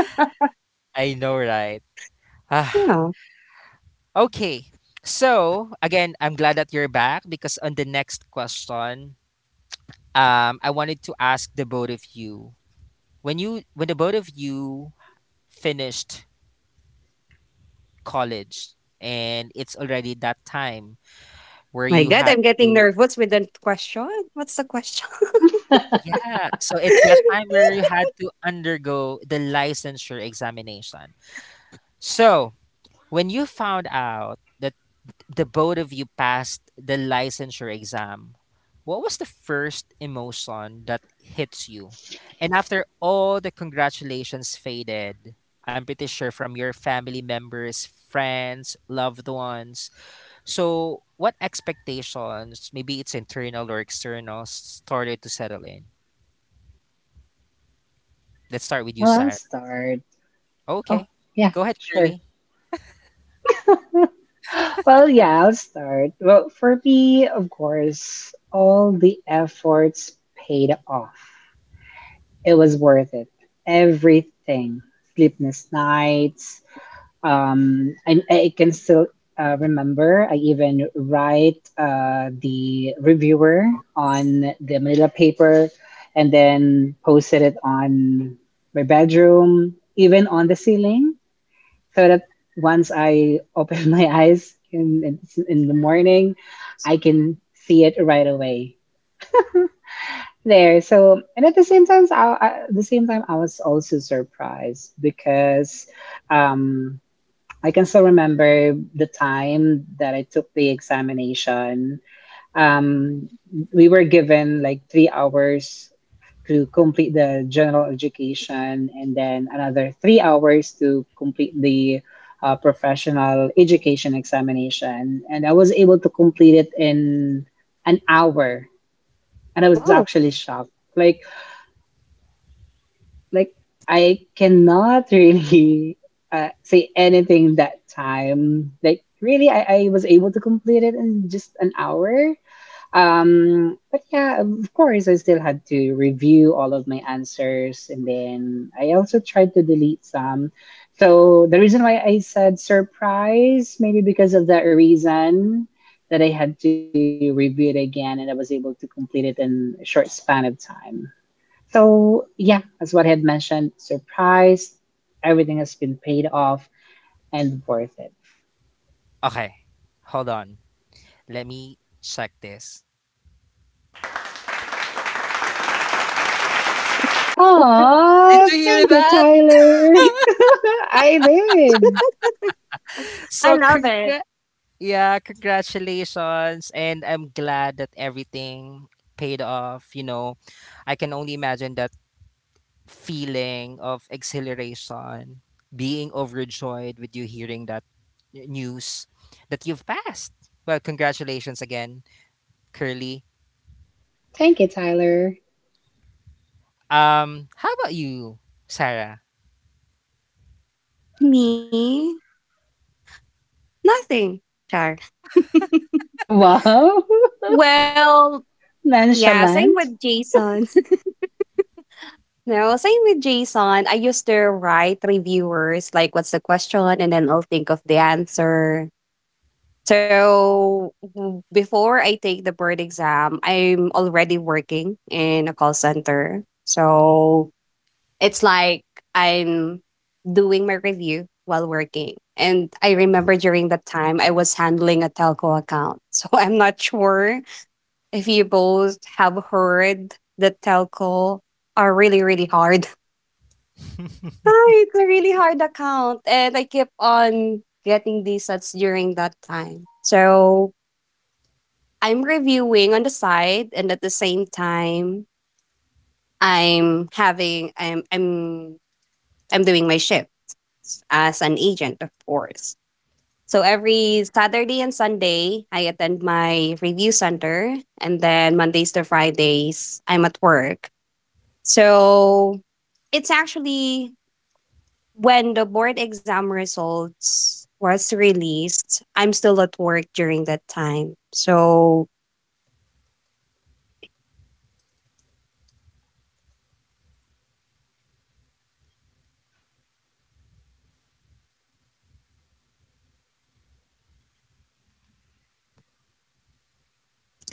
Speaker 3: [LAUGHS]
Speaker 1: I know, right? Ah,
Speaker 3: Yeah.
Speaker 1: okay. So, again, I'm glad that you're back because on the next question, um, I wanted to ask the both of you when you when the both of you finished college and it's already that time where
Speaker 3: My
Speaker 1: you
Speaker 3: God,
Speaker 1: had
Speaker 3: I'm getting
Speaker 1: to.
Speaker 3: nervous with the question. What's the question?
Speaker 2: [LAUGHS]
Speaker 1: Yeah, so it's that
Speaker 3: [LAUGHS]
Speaker 1: time where you had to undergo the licensure examination. So when you found out that the both of you passed the licensure exam, what was the first emotion that hits you? And after all the congratulations faded, I'm pretty sure from your family members, friends, loved ones. So, what expectations, maybe it's internal or external, started to settle in? Let's start with you,
Speaker 2: Well, I'll
Speaker 1: Sarah.
Speaker 2: start. Oh,
Speaker 1: Okay.
Speaker 2: yeah,
Speaker 1: Go ahead,
Speaker 2: sure.
Speaker 1: Curly.
Speaker 2: [GASPS] Well, yeah, I'll start. Well, for me, of course, all the efforts paid off. It was worth it. Everything. Sleepless nights, um and I can still uh, remember I even write uh, the reviewer on the manila paper and then posted it on my bedroom even on the ceiling so that once I open [LAUGHS] my eyes in, in, in the morning I can see it right away there. So, and at the same time I, I- at the same time I was also surprised because um I can still remember the time that I took the examination. Um, we were given like three hours to complete the general education and then another three hours to complete the uh, professional education examination. And I was able to complete it in an hour. And I was
Speaker 3: Wow.
Speaker 2: actually shocked. Like, like I cannot really [LAUGHS] uh, say anything that time. Like really, I, I was able to complete it in just an hour. Um, but yeah, of course, I still had to review all of my answers, and then I also tried to delete some. So the reason why I said surprise, maybe because of that reason that I had to review it again, and I was able to complete it in a short span of time. So, yeah, as what I had mentioned, surprise, everything has been paid off and worth it.
Speaker 1: Okay. Hold on. Let me check this. Did
Speaker 2: Aw,
Speaker 1: you hear
Speaker 2: thank you,
Speaker 1: that?
Speaker 2: Tyler.
Speaker 3: Yeah,
Speaker 2: [LAUGHS] I did.
Speaker 3: I
Speaker 1: So,
Speaker 3: love it.
Speaker 1: congrats. Yeah, congratulations. And I'm glad that everything paid off. You know, I can only imagine that feeling of exhilaration, being overjoyed with you hearing that n- news that you've passed. Well, congratulations again, Curly.
Speaker 2: Thank you, Tyler.
Speaker 1: Um, how about you, Sarah?
Speaker 3: Me? Nothing. Char. [LAUGHS]
Speaker 2: Wow,
Speaker 3: Well,
Speaker 2: [LAUGHS]
Speaker 3: yeah, same
Speaker 2: nonchalant.
Speaker 3: with Jason. [LAUGHS] no, same with Jason. I used to write reviewers, like, what's the question? And then I'll think of the answer. So w- before I take the board exam, I'm already working in a call center. So it's like I'm doing my review while working. And I remember during that time, I was handling a telco account. [LAUGHS] So I'm not sure if you both have heard that telco are really, really hard. [LAUGHS] Ah, it's a really hard account. And I keep on getting these sets during that time. So I'm reviewing on the side, and at the same time I'm having I'm I'm I'm doing my shift as an agent, of course. So every Saturday and Sunday, I attend my review center, and then Mondays to Fridays, I'm at work. So it's actually when the board exam results was released, I'm still at work during that time. So,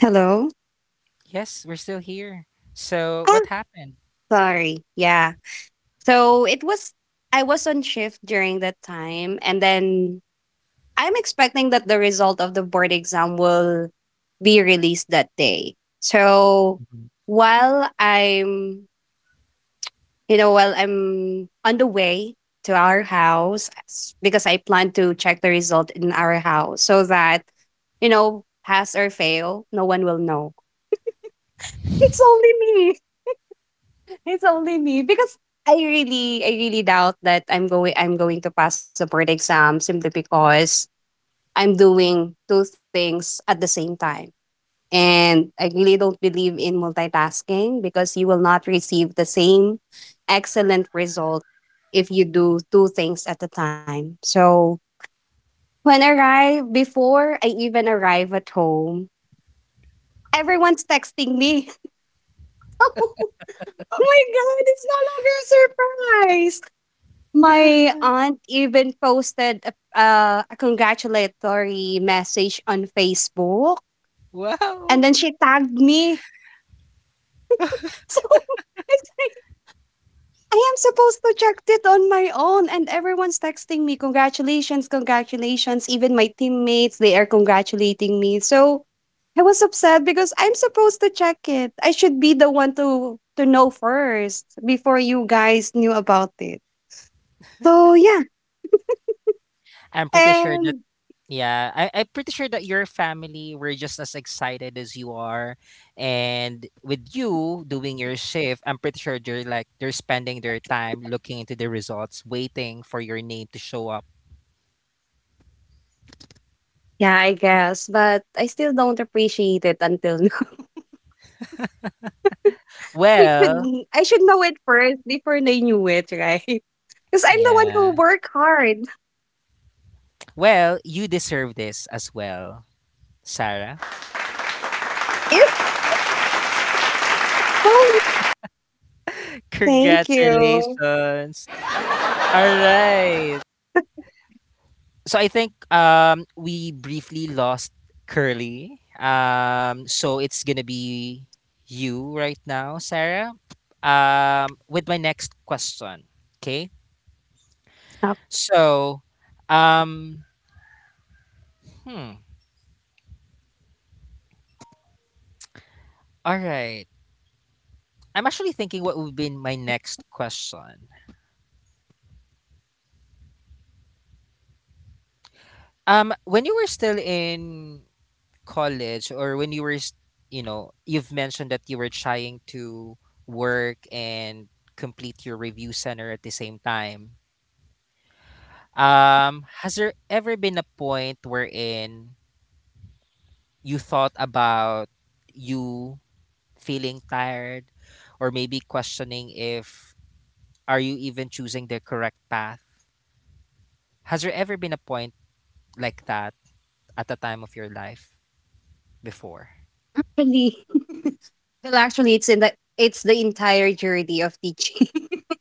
Speaker 3: hello?
Speaker 1: Yes, we're still here. So, what
Speaker 3: Ah,
Speaker 1: happened?
Speaker 3: sorry. Yeah. So it was, I was on shift during that time, and then I'm expecting that the result of the board exam will be released that day. So
Speaker 1: Mhm.
Speaker 3: while I'm, you know, while I'm on the way to our house, s- because I plan to check the result in our house so that, you know, pass or fail, no one will know. It's only me. [LAUGHS] It's only me because I really, I really doubt that I'm going, I'm going to pass the board exam simply because I'm doing two things at the same time. And I really don't believe in multitasking because you will not receive the same excellent result if you do two things at a time. So when I arrive, before I even arrive at home, everyone's texting me. [LAUGHS] Oh my God, it's no longer a surprise. My aunt even posted a, uh, a congratulatory message on Facebook, and
Speaker 1: Wow.
Speaker 3: then
Speaker 1: [LAUGHS]
Speaker 3: she tagged me. [LAUGHS] So it's like I am supposed to check it on my own, and everyone's texting me, "Congratulations, congratulations." Even my teammates, they are congratulating me. So, I was upset because I'm supposed to check it. I should be the one to to know first before you guys knew about it. So, yeah.
Speaker 1: I'm pretty sure.
Speaker 3: And
Speaker 1: Yeah, I, I'm pretty sure that your family were just as excited as you are. And with you doing your shift, I'm pretty sure they're like they're spending their time looking into the results, waiting for your name to show up.
Speaker 3: yeah, I guess, but I still don't appreciate it until now. [LAUGHS] I should I
Speaker 1: Well,
Speaker 3: should know it first before they knew it, right? Because I'm the one who
Speaker 1: yeah.
Speaker 3: work hard.
Speaker 1: Well, you deserve this as well, Sarah.
Speaker 3: [LAUGHS] If
Speaker 1: [LAUGHS]
Speaker 3: Thank you.
Speaker 1: Congratulations. All right. So I think um, we briefly lost Curly. Um, so it's gonna be you right now, Sarah. Um, with my next question. Okay. So, um, hmm. All right. I'm actually thinking what would be my
Speaker 3: Yep.
Speaker 1: next question. Um, when you were still in college, or when you were, s- you know, you've mentioned that you were trying to work and complete your review center at the same time. Um, has there ever been a point wherein you thought about you feeling tired, or maybe questioning if are you even choosing the correct path? Has there ever been a point like that at the time of your life before?
Speaker 3: Actually, [LAUGHS] well, actually, it's in the it's the entire journey of teaching.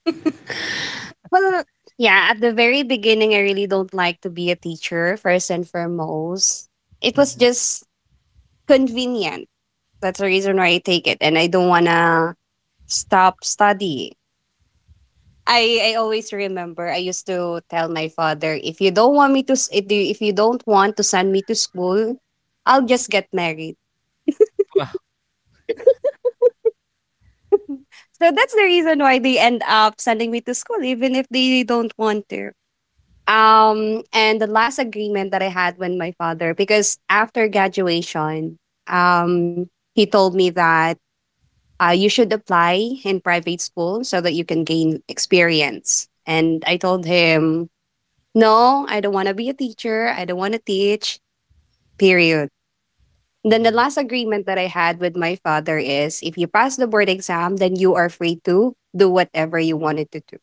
Speaker 3: [LAUGHS] Well, yeah, at the very beginning, I really don't like to be a teacher. First and foremost, it was
Speaker 1: Mm-hmm.
Speaker 3: just convenient. That's the reason why I take it, and I don't wanna stop studying. I, I always remember I used to tell my father, if you don't want me to s- if you if you don't want to send me to school, I'll just get married.
Speaker 1: Wow.
Speaker 3: So that's the reason why they end up sending me to school, even if they don't want to. Um, and the last agreement that I had with my father, because after graduation, um, he told me that uh, you should apply in private school so that you can gain experience. And I told him, no, I don't want to be a teacher. I don't want to teach, period. Then the
Speaker 1: Mm-hmm.
Speaker 3: last agreement that I had with my father is, if you pass the board exam, then are free to do whatever you wanted to do.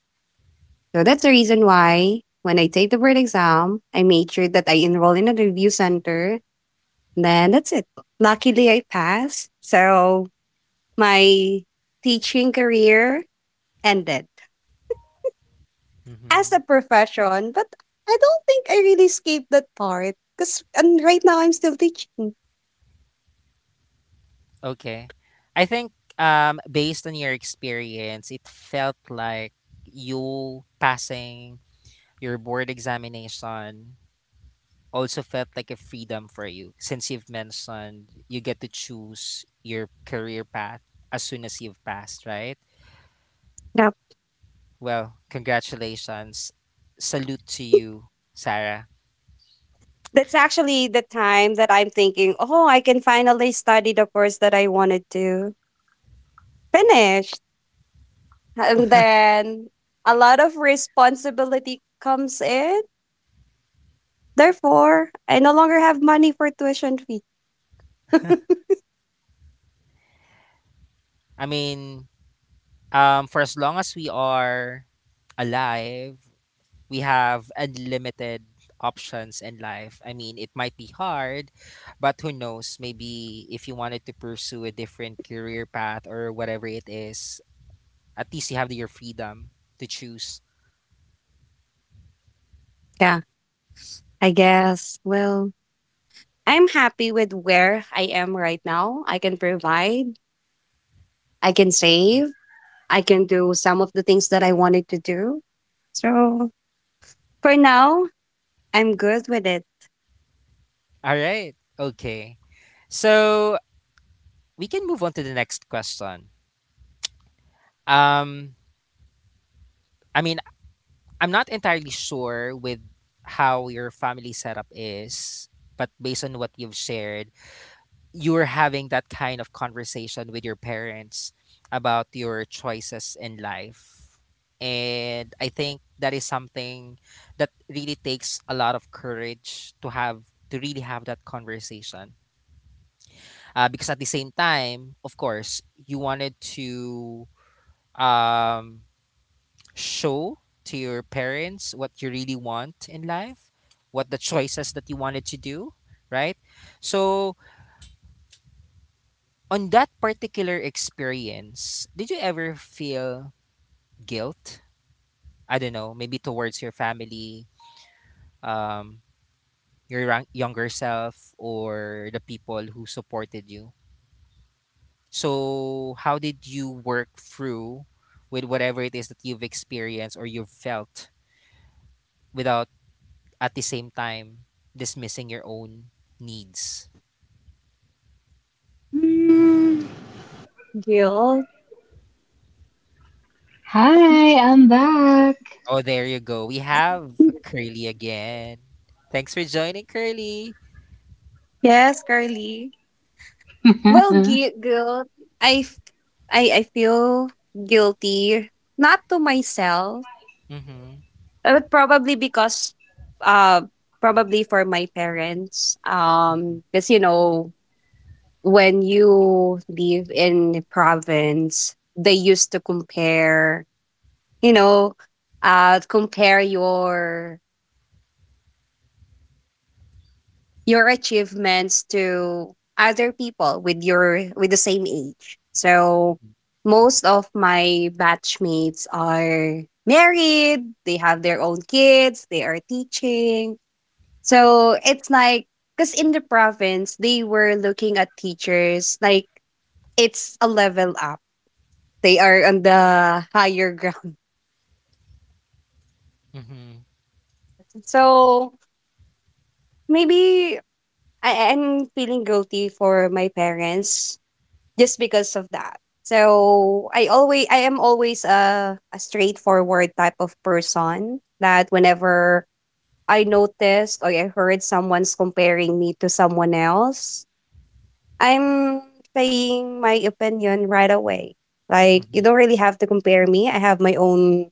Speaker 3: So that's the reason why when I take the board exam, I made sure that I enroll in a review center. Then that's it. Luckily, I passed. So my teaching career ended as a
Speaker 1: Mm-hmm.
Speaker 3: profession, but I don't think I really escaped that part because and right now I'm still teaching.
Speaker 1: Okay. I think um based on your experience, it felt like you passing your board examination also felt like a freedom for you, since you've mentioned you get to choose your career path as soon as you've passed, right?
Speaker 3: Yeah.
Speaker 1: Well, congratulations. Salute to you, Sarah.
Speaker 3: That's actually the time that I'm thinking, oh, I can finally study the course that I wanted to finish. And then a lot of responsibility comes in. Therefore, I no longer have money for tuition fee. [LAUGHS]
Speaker 1: I mean, um, for as long as we are alive, we have unlimited options in life. I mean, it might be hard, but who knows? Maybe if you wanted to pursue a different career path or whatever it is, at least you have your freedom to choose.
Speaker 3: Yeah, I guess. Well, I'm happy with where I am right now. I can provide, I can save,
Speaker 1: All
Speaker 3: I can do some of the things that I wanted to do. So for now, I'm good with it.
Speaker 1: right. Okay. So we can move on to the next question. Um, I mean, I'm not entirely sure with how your family setup is, but based on what you've shared, you're having that kind of conversation with your parents about your choices in life. And I think that is something that really takes a lot of courage to have to really have that conversation. Uh, because at the same time, of course, you wanted to um, show to your parents what you really want in life, what the choices that you wanted to do, right? So, on that particular experience, did you ever feel guilt? I don't know, maybe towards your family, um, your young- younger self, or the people who supported you? So, how did you work through with whatever it is that you've experienced or you've felt without at the same time dismissing your own needs?
Speaker 3: Mm, guilt.
Speaker 2: Hi, I'm back.
Speaker 1: Oh, there you go. We have
Speaker 3: [LAUGHS]
Speaker 1: Curly again. Thanks for joining, Curly.
Speaker 3: Yes, Carly.
Speaker 2: [LAUGHS]
Speaker 3: Well, gui- guilt. I, f- I, I feel guilty, not to myself,
Speaker 1: Mm-hmm.
Speaker 3: but probably because, uh, probably for my parents.
Speaker 1: Mm-hmm.
Speaker 3: Um, because you know, when you live in the province, they used to compare, you know uh compare your your achievements to other people with your with the same age. So most of my batchmates are married, they have their own kids, they are teaching. So it's like because in the province they were looking at teachers like it's a level up, they are on the higher ground.
Speaker 1: Mm-hmm.
Speaker 3: [LAUGHS] Yes, so maybe I am feeling guilty for my parents just because of that. So I always I am always a, a straightforward type of person that whenever I noticed or I heard someone's comparing me to someone else, I'm saying my opinion right away. Like, you
Speaker 1: Mm-hmm.
Speaker 3: don't really have to compare me. I have my own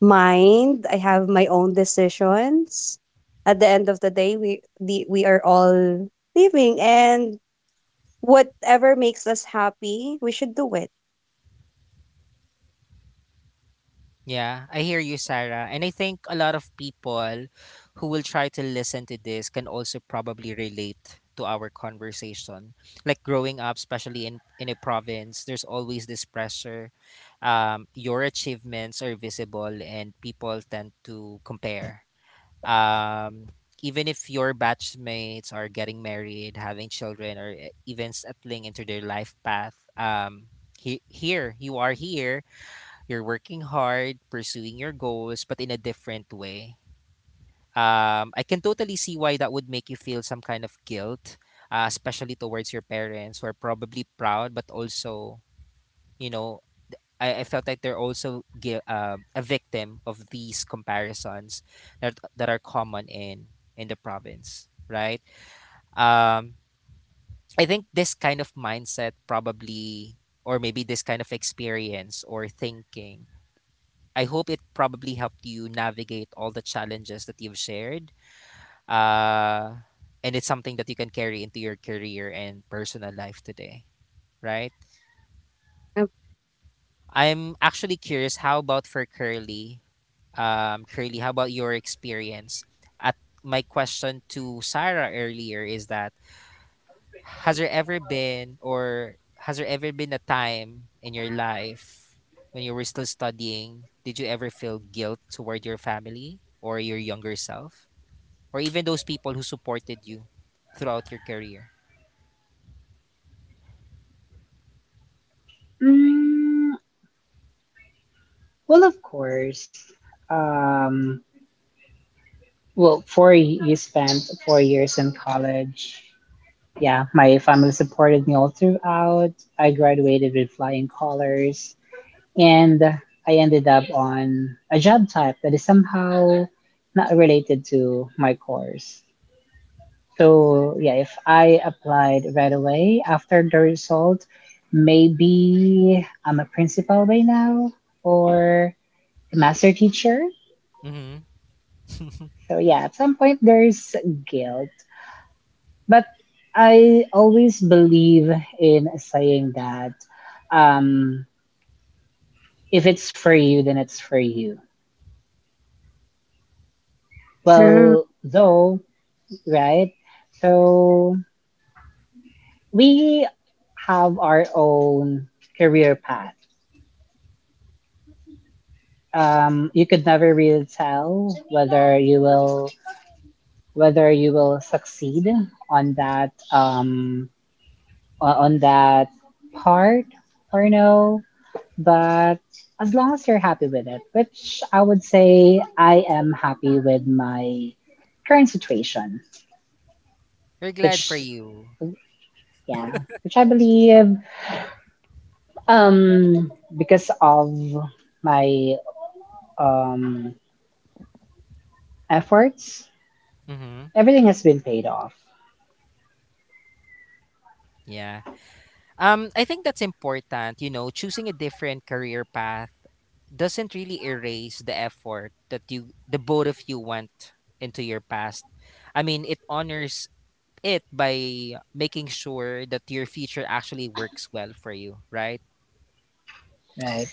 Speaker 3: mind. I have my own decisions. At the end of the day, we the, we are all living, and whatever makes us happy, we should do it.
Speaker 1: Yeah, I hear you, Sarah. And I think a lot of people who will try to listen to this can also probably relate to our conversation. Like growing up, especially in, in a province, there's always this pressure. Um, your achievements are visible, and people tend to compare. Um, even if your batchmates are getting married, having children, or e- even settling into their life path, um, he- here, you are here, you're working hard, pursuing your goals, but in a different way. Um, I can totally see why that would make you feel some kind of guilt, uh, especially towards your parents who are probably proud, but also, you know, I, I felt like they're also gui- um a victim of these comparisons that, that are common in, in the province, right? Um, I think this kind of mindset probably, or maybe this kind of experience or thinking, I hope it probably helped you navigate all the challenges that you've shared. Uh, and it's something that you can carry into your career and personal life today, right?
Speaker 3: Okay,
Speaker 1: I'm actually curious how about for Curly? Um, Curly, how about your experience? At my question to Sarah earlier is that has there ever been or has there ever been a time in your life when you were still studying, did you ever feel guilt toward your family or your younger self, or even those people who supported you throughout your career?
Speaker 2: mm, well, of course. Um, well, four y- you spent four years in college. Yeah, my family supported me all throughout. I graduated with flying colors, and I ended up on a job type that is somehow not related to my course. So yeah, if I applied right away after the result, maybe I'm a principal by now or a master teacher.
Speaker 1: Mm-hmm.
Speaker 2: So yeah, at some point there's guilt. But I always believe in saying that, um, if it's for you, then it's for you. Well, though, right? So we have our own career path. Um, you could never really tell whether you will whether you will succeed on that um, o- on that part or no. But as long as you're happy with it, which I would say I am happy with my current situation,
Speaker 1: [LAUGHS] We're glad for
Speaker 2: which
Speaker 1: you.
Speaker 2: yeah, which I believe, um, because of my um, efforts,
Speaker 1: Mm-hmm.
Speaker 2: everything has been paid off,
Speaker 1: Yeah. Um, I think that's important. You know, choosing a different career path doesn't really erase the effort that you, the both of you went into your past. I mean, it honors it by making sure that your future actually works well for you, right?
Speaker 2: right?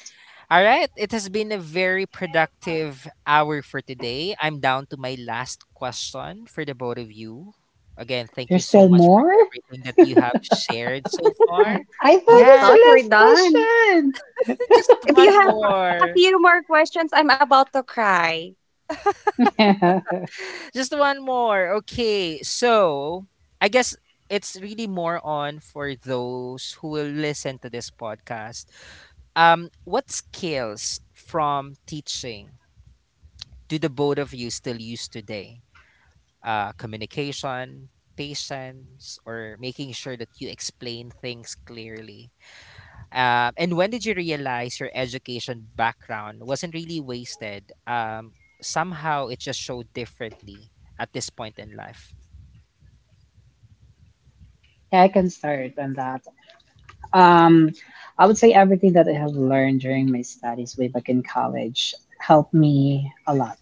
Speaker 1: All right, it has been a very productive hour for today. I'm down to my last question for the both of you. Again, thank you
Speaker 2: There's
Speaker 1: so
Speaker 2: still
Speaker 1: much for
Speaker 2: more?
Speaker 1: everything that you have shared so far.
Speaker 2: I
Speaker 3: I
Speaker 2: thought it's
Speaker 1: Yeah,
Speaker 3: thought
Speaker 2: the
Speaker 3: we're
Speaker 2: last
Speaker 3: done.
Speaker 1: [LAUGHS] just
Speaker 3: If
Speaker 1: one
Speaker 3: you have a
Speaker 1: more.
Speaker 3: few more questions, I'm about to cry.
Speaker 2: question. [LAUGHS]
Speaker 1: Just one more. Okay, so I guess it's really more on for those who will listen to this podcast. Um, what skills from teaching do the both of you still use today? Uh, communication, patience, or making sure that you explain things clearly? Um, and when did you realize your education background wasn't really wasted? Um, somehow it just showed differently at this point in life.
Speaker 2: Yeah, I can start on that. Um, I would say everything that I have learned during my studies way back in college helped me a lot.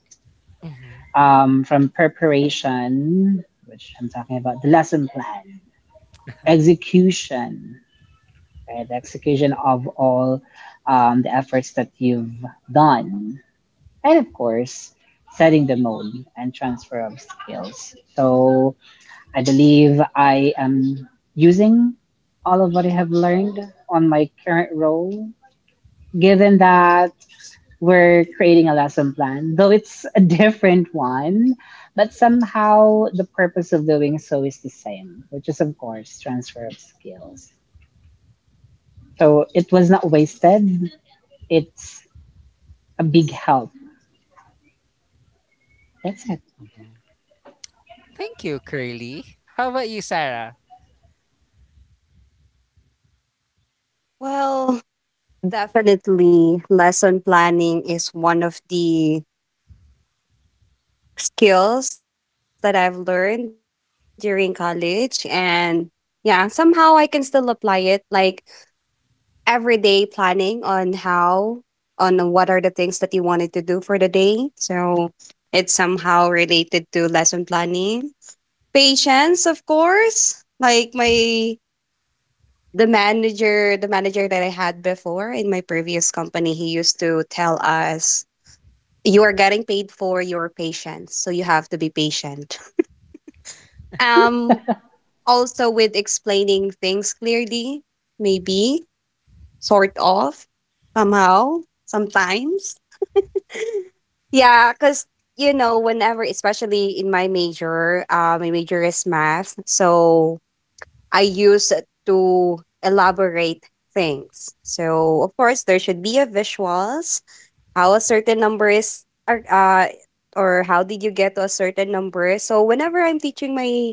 Speaker 1: Mhm,
Speaker 2: Um, from preparation, which I'm talking about, the lesson plan, execution, right? The execution of all um, the efforts that you've done, and of course, setting the mode and transfer of skills. So I believe I am using all of what I have learned on my current role, given that we're creating a lesson plan, though it's a different one, but somehow the purpose of doing so is the same, which is, of course, transfer of skills. So it was not wasted, it's a big help. That's it.
Speaker 1: mhm. Thank you, Curly. How about you, Sarah?
Speaker 3: Well, definitely, lesson planning is one of the skills that I've learned during college. And yeah, somehow I can still apply it, like everyday planning on how, on what are the things that you wanted to do for the day. So it's somehow related to lesson planning. Patience, of course. Like my the manager, the manager that I had before in my previous company, he used to tell us, "You are getting paid patience, so you have to be patient." Um, also with explaining things clearly, maybe sort of somehow sometimes. [LAUGHS] Yeah, because you know, whenever, especially in my major, uh, my major is math. So I use to elaborate things. So of course there should be a visuals, how a certain number is, or uh or how did you get to a certain number. So whenever I'm teaching my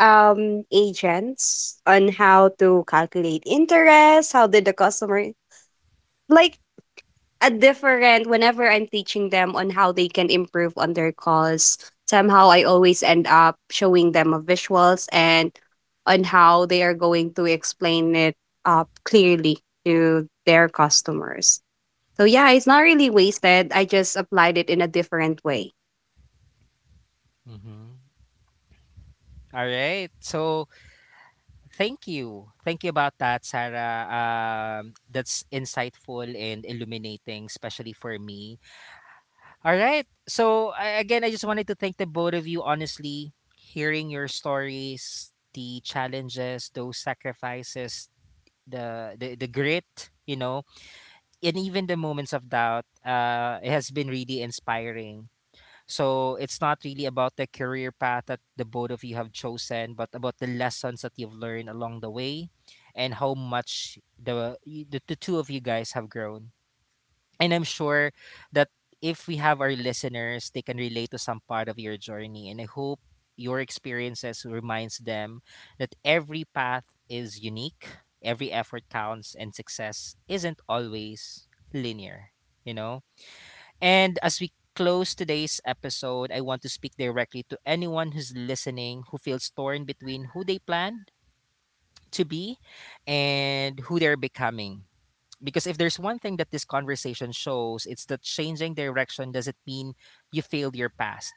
Speaker 3: um agents on how to calculate interest, how did the customer like a different whenever I'm teaching them on how they can improve on their calls. Somehow I always end up showing them a visuals and on how they are going to explain it up clearly to their customers. So yeah, it's not really wasted. I just applied it in a different way.
Speaker 1: Mhm. All right. So thank you. Thank you about that, Sarah. Um, that's insightful and illuminating, especially for me. All right. So I, again, I just wanted to thank the both of you. Honestly, hearing your stories, the challenges, those sacrifices, the the, the grit, you know, and even the moments of doubt, uh, it has been really inspiring. So it's not really about the career path that the both of you have chosen, but about the lessons that you've learned along the way, and how much the the, the two of you guys have grown. And I'm sure that if we have our listeners, they can relate to some part of your journey. And I hope your experiences reminds them that every path is unique, every effort counts, and success isn't always linear, you know? And as we close today's episode, I want to speak directly to anyone who's listening who feels torn between who they planned to be and who they're becoming. Because if there's one thing that this conversation shows, it's that changing direction doesn't mean you failed your past.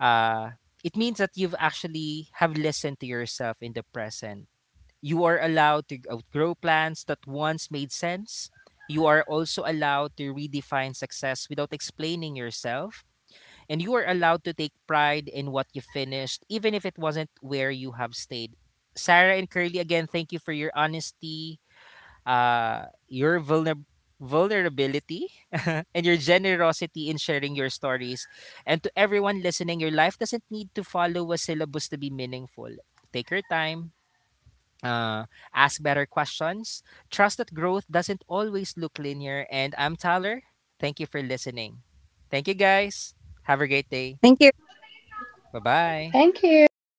Speaker 1: Uh, it means that you've actually have listened to yourself in the present. You are allowed to outgrow plans that once made sense. You are also allowed to redefine success without explaining yourself. And you are allowed to take pride in what you finished, even if it wasn't where you have stayed. Sarah and Curly, again, thank you for your honesty, uh, your vulner- vulnerability [LAUGHS] and your generosity in sharing your stories. And to everyone listening, your life doesn't need to follow a syllabus to be meaningful. Take your time. Uh, ask better questions. Trust that growth doesn't always look linear. And I'm Tyler. Thank you for listening. Thank you, guys. Have a great day.
Speaker 3: Thank you.
Speaker 1: Bye bye.
Speaker 2: Thank you.